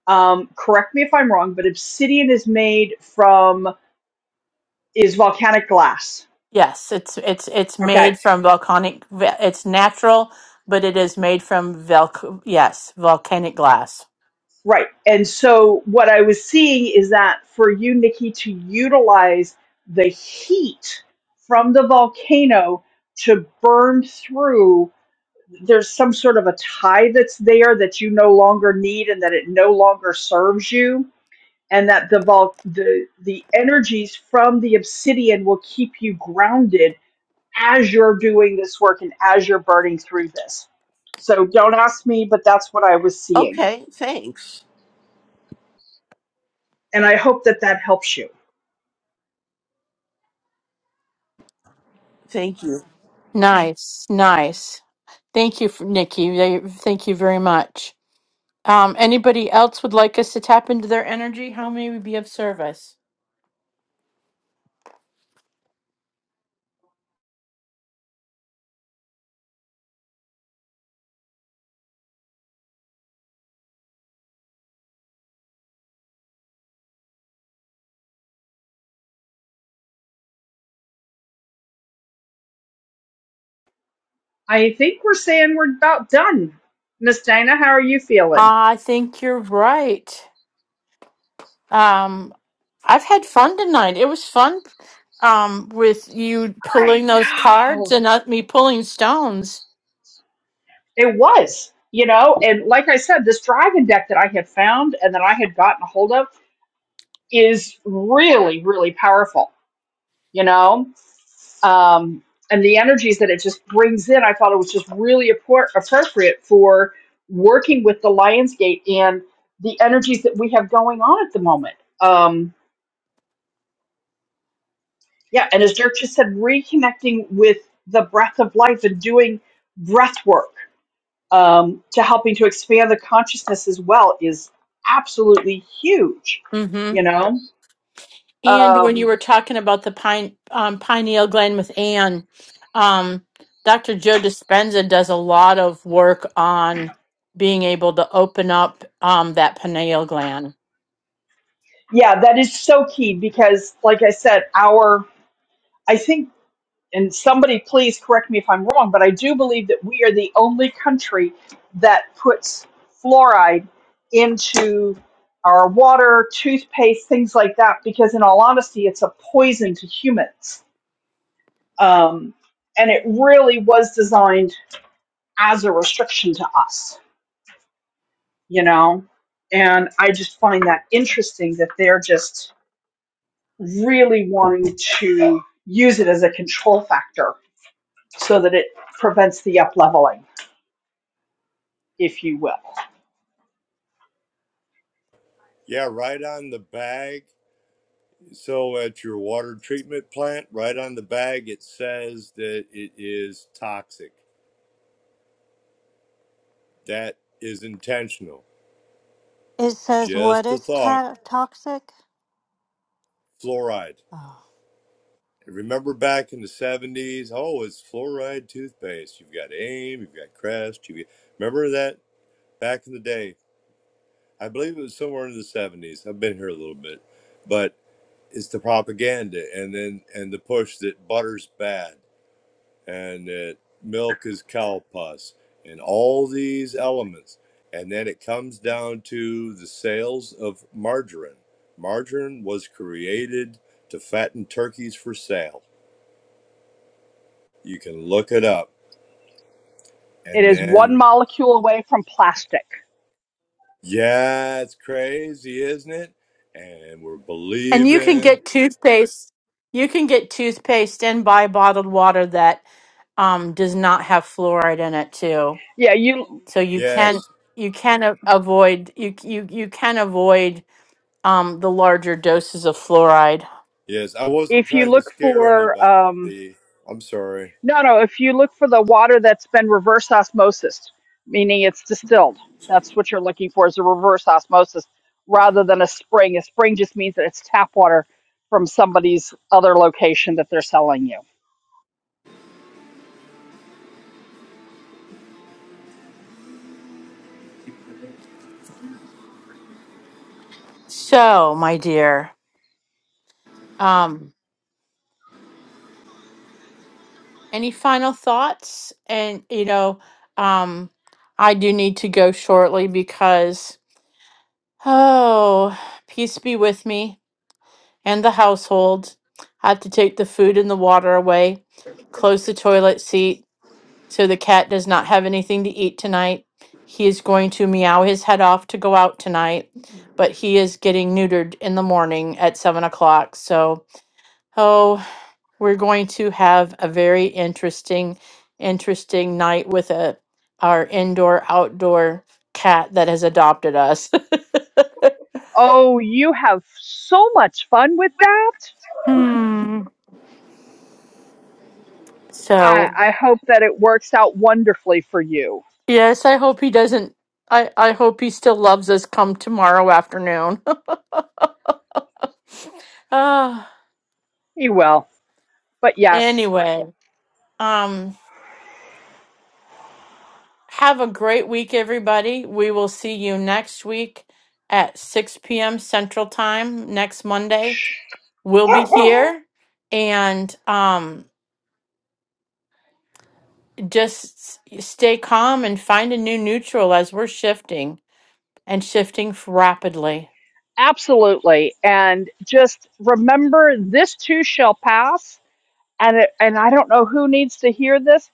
Um, correct me if I'm wrong, but obsidian is made from is volcanic glass. yes, it's it's it's Okay, made from volcanic. ve- It's natural, but it is made from velc. Yes, volcanic glass. Right. And so what I was seeing is that for you, Nikki, to utilize the heat from the volcano to burn through, there's some sort of a tie that's there that you no longer need and that it no longer serves you. And that the vol- the the energies from the obsidian will keep you grounded as you're doing this work and as you're burning through this. So don't ask me, but that's what I was seeing, Okay. Thanks. and I hope that that helps you. Thank you. Nice, nice. Thank you, for, Nikki. They- Thank you very much. Um, anybody else would like us to tap into their energy? How may we be of service? I think we're saying we're about done. Miss Dana, how are you feeling? Ah, I think you're right. Um, I've had fun tonight. It was fun um, with you I pulling those cards know. and not me pulling stones. It was, you know, and like I said, this driving deck that I had found and that I had gotten a hold of is really, really powerful, you know? Um, and the energies that it just brings in, I thought it was just really appro- appropriate for working with the Lionsgate and the energies that we have going on at the moment. Um, Yeah, and as Dirk just said, reconnecting with the breath of life and doing breath work um, to helping to expand the consciousness as well is absolutely huge. Mm-hmm. You know, And when you um, were talking about the pine um, pineal gland with Anne, um, Dr. Joe Dispenza does a lot of work on being able to open up um, that pineal gland. yeah, that is so key because, like I said, our I think and somebody please correct me if I'm wrong, but I do believe that we are the only country that puts fluoride into our water, toothpaste, things like that, because in all honesty, it's a poison to humans. Um, and it really was designed as a restriction to us, you know? And I just find that interesting that they're just really wanting to use it as a control factor so that it prevents the upleveling. if you will. yeah right on the bag So at your water treatment plant, right on the bag, it says that it is toxic. That is intentional. It says what Just a is thought. ta- toxic? Fluoride. Oh. Remember back in the 70s, oh, it's fluoride toothpaste. You've got AIM, you've got Crest. You've got... Remember that back in the day? I believe it was somewhere in the 70s. I've been here a little bit. But it's the propaganda and then and the push that butter's bad and that milk is cow pus, and all these elements. And then it comes down to the sales of margarine. Margarine was created to fatten turkeys for sale. You can look it up. It And is one then, molecule away from plastic. yeah, it's crazy, isn't it? And we're And you can believing. get toothpaste. You can get toothpaste and buy bottled water that um, does not have fluoride in it too. Yeah, you. So you can Yes, you can a- avoid you you you can avoid um, the larger doses of fluoride. yes. I wasn't If you trying to look scare for anybody. um, I'm sorry. no, no. If you look for the water that's been reverse osmosis, meaning it's distilled, that's what you're looking for is a reverse osmosis rather than a spring. A spring just means that. So, my dear, um, any final thoughts? And you know, um, I do need to go shortly because oh, peace be with me. and the household have to take the food and the water away, close the toilet seat so the cat does not have anything to eat tonight. He is going to meow his head off to go out tonight, but he is getting neutered in the morning at seven o'clock. So, oh, we're going to have a very interesting, interesting night with a our indoor outdoor cat that has adopted us. Oh, you have so much fun with that. Hmm. So I, I hope that it works out wonderfully for you. Yes, I hope he doesn't. I, I hope he still loves us come tomorrow afternoon. Ah, You will. But yes, anyway, um, have a great week, everybody. We will see you next week at 6 p.m. Central Time next Monday. We'll be here and um, just s- stay calm and find a new neutral as we're shifting and shifting f- rapidly. absolutely. And just remember this too shall pass. And it, and I don't know who needs to hear this,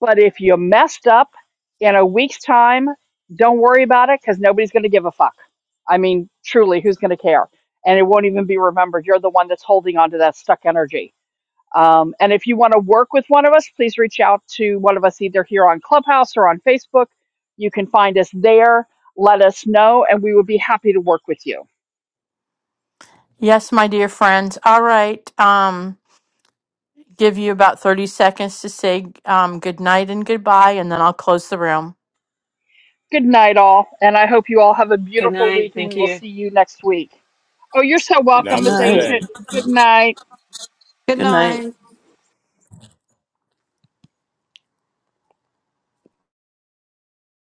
but if you messed up in a week's time, don't worry about it because nobody's going to give a fuck. I mean, truly, who's going to care? And it won't even be remembered. You're the one that's holding on to that stuck energy Um, and if you want to work with one of us, please reach out to one of us either here on Clubhouse or on Facebook. You can find us there. Let us know, and we would be happy to work with you. Yes, my dear friends. All right. Um, give you about 30 seconds to say um, good night and goodbye, and then I'll close the room. Good night, all. And I hope you all have a beautiful night. week, and we Thank will you. see you next week. Oh, you're so Good welcome, Miss night. Ancient. Namaste. Good night. Good Good night. night.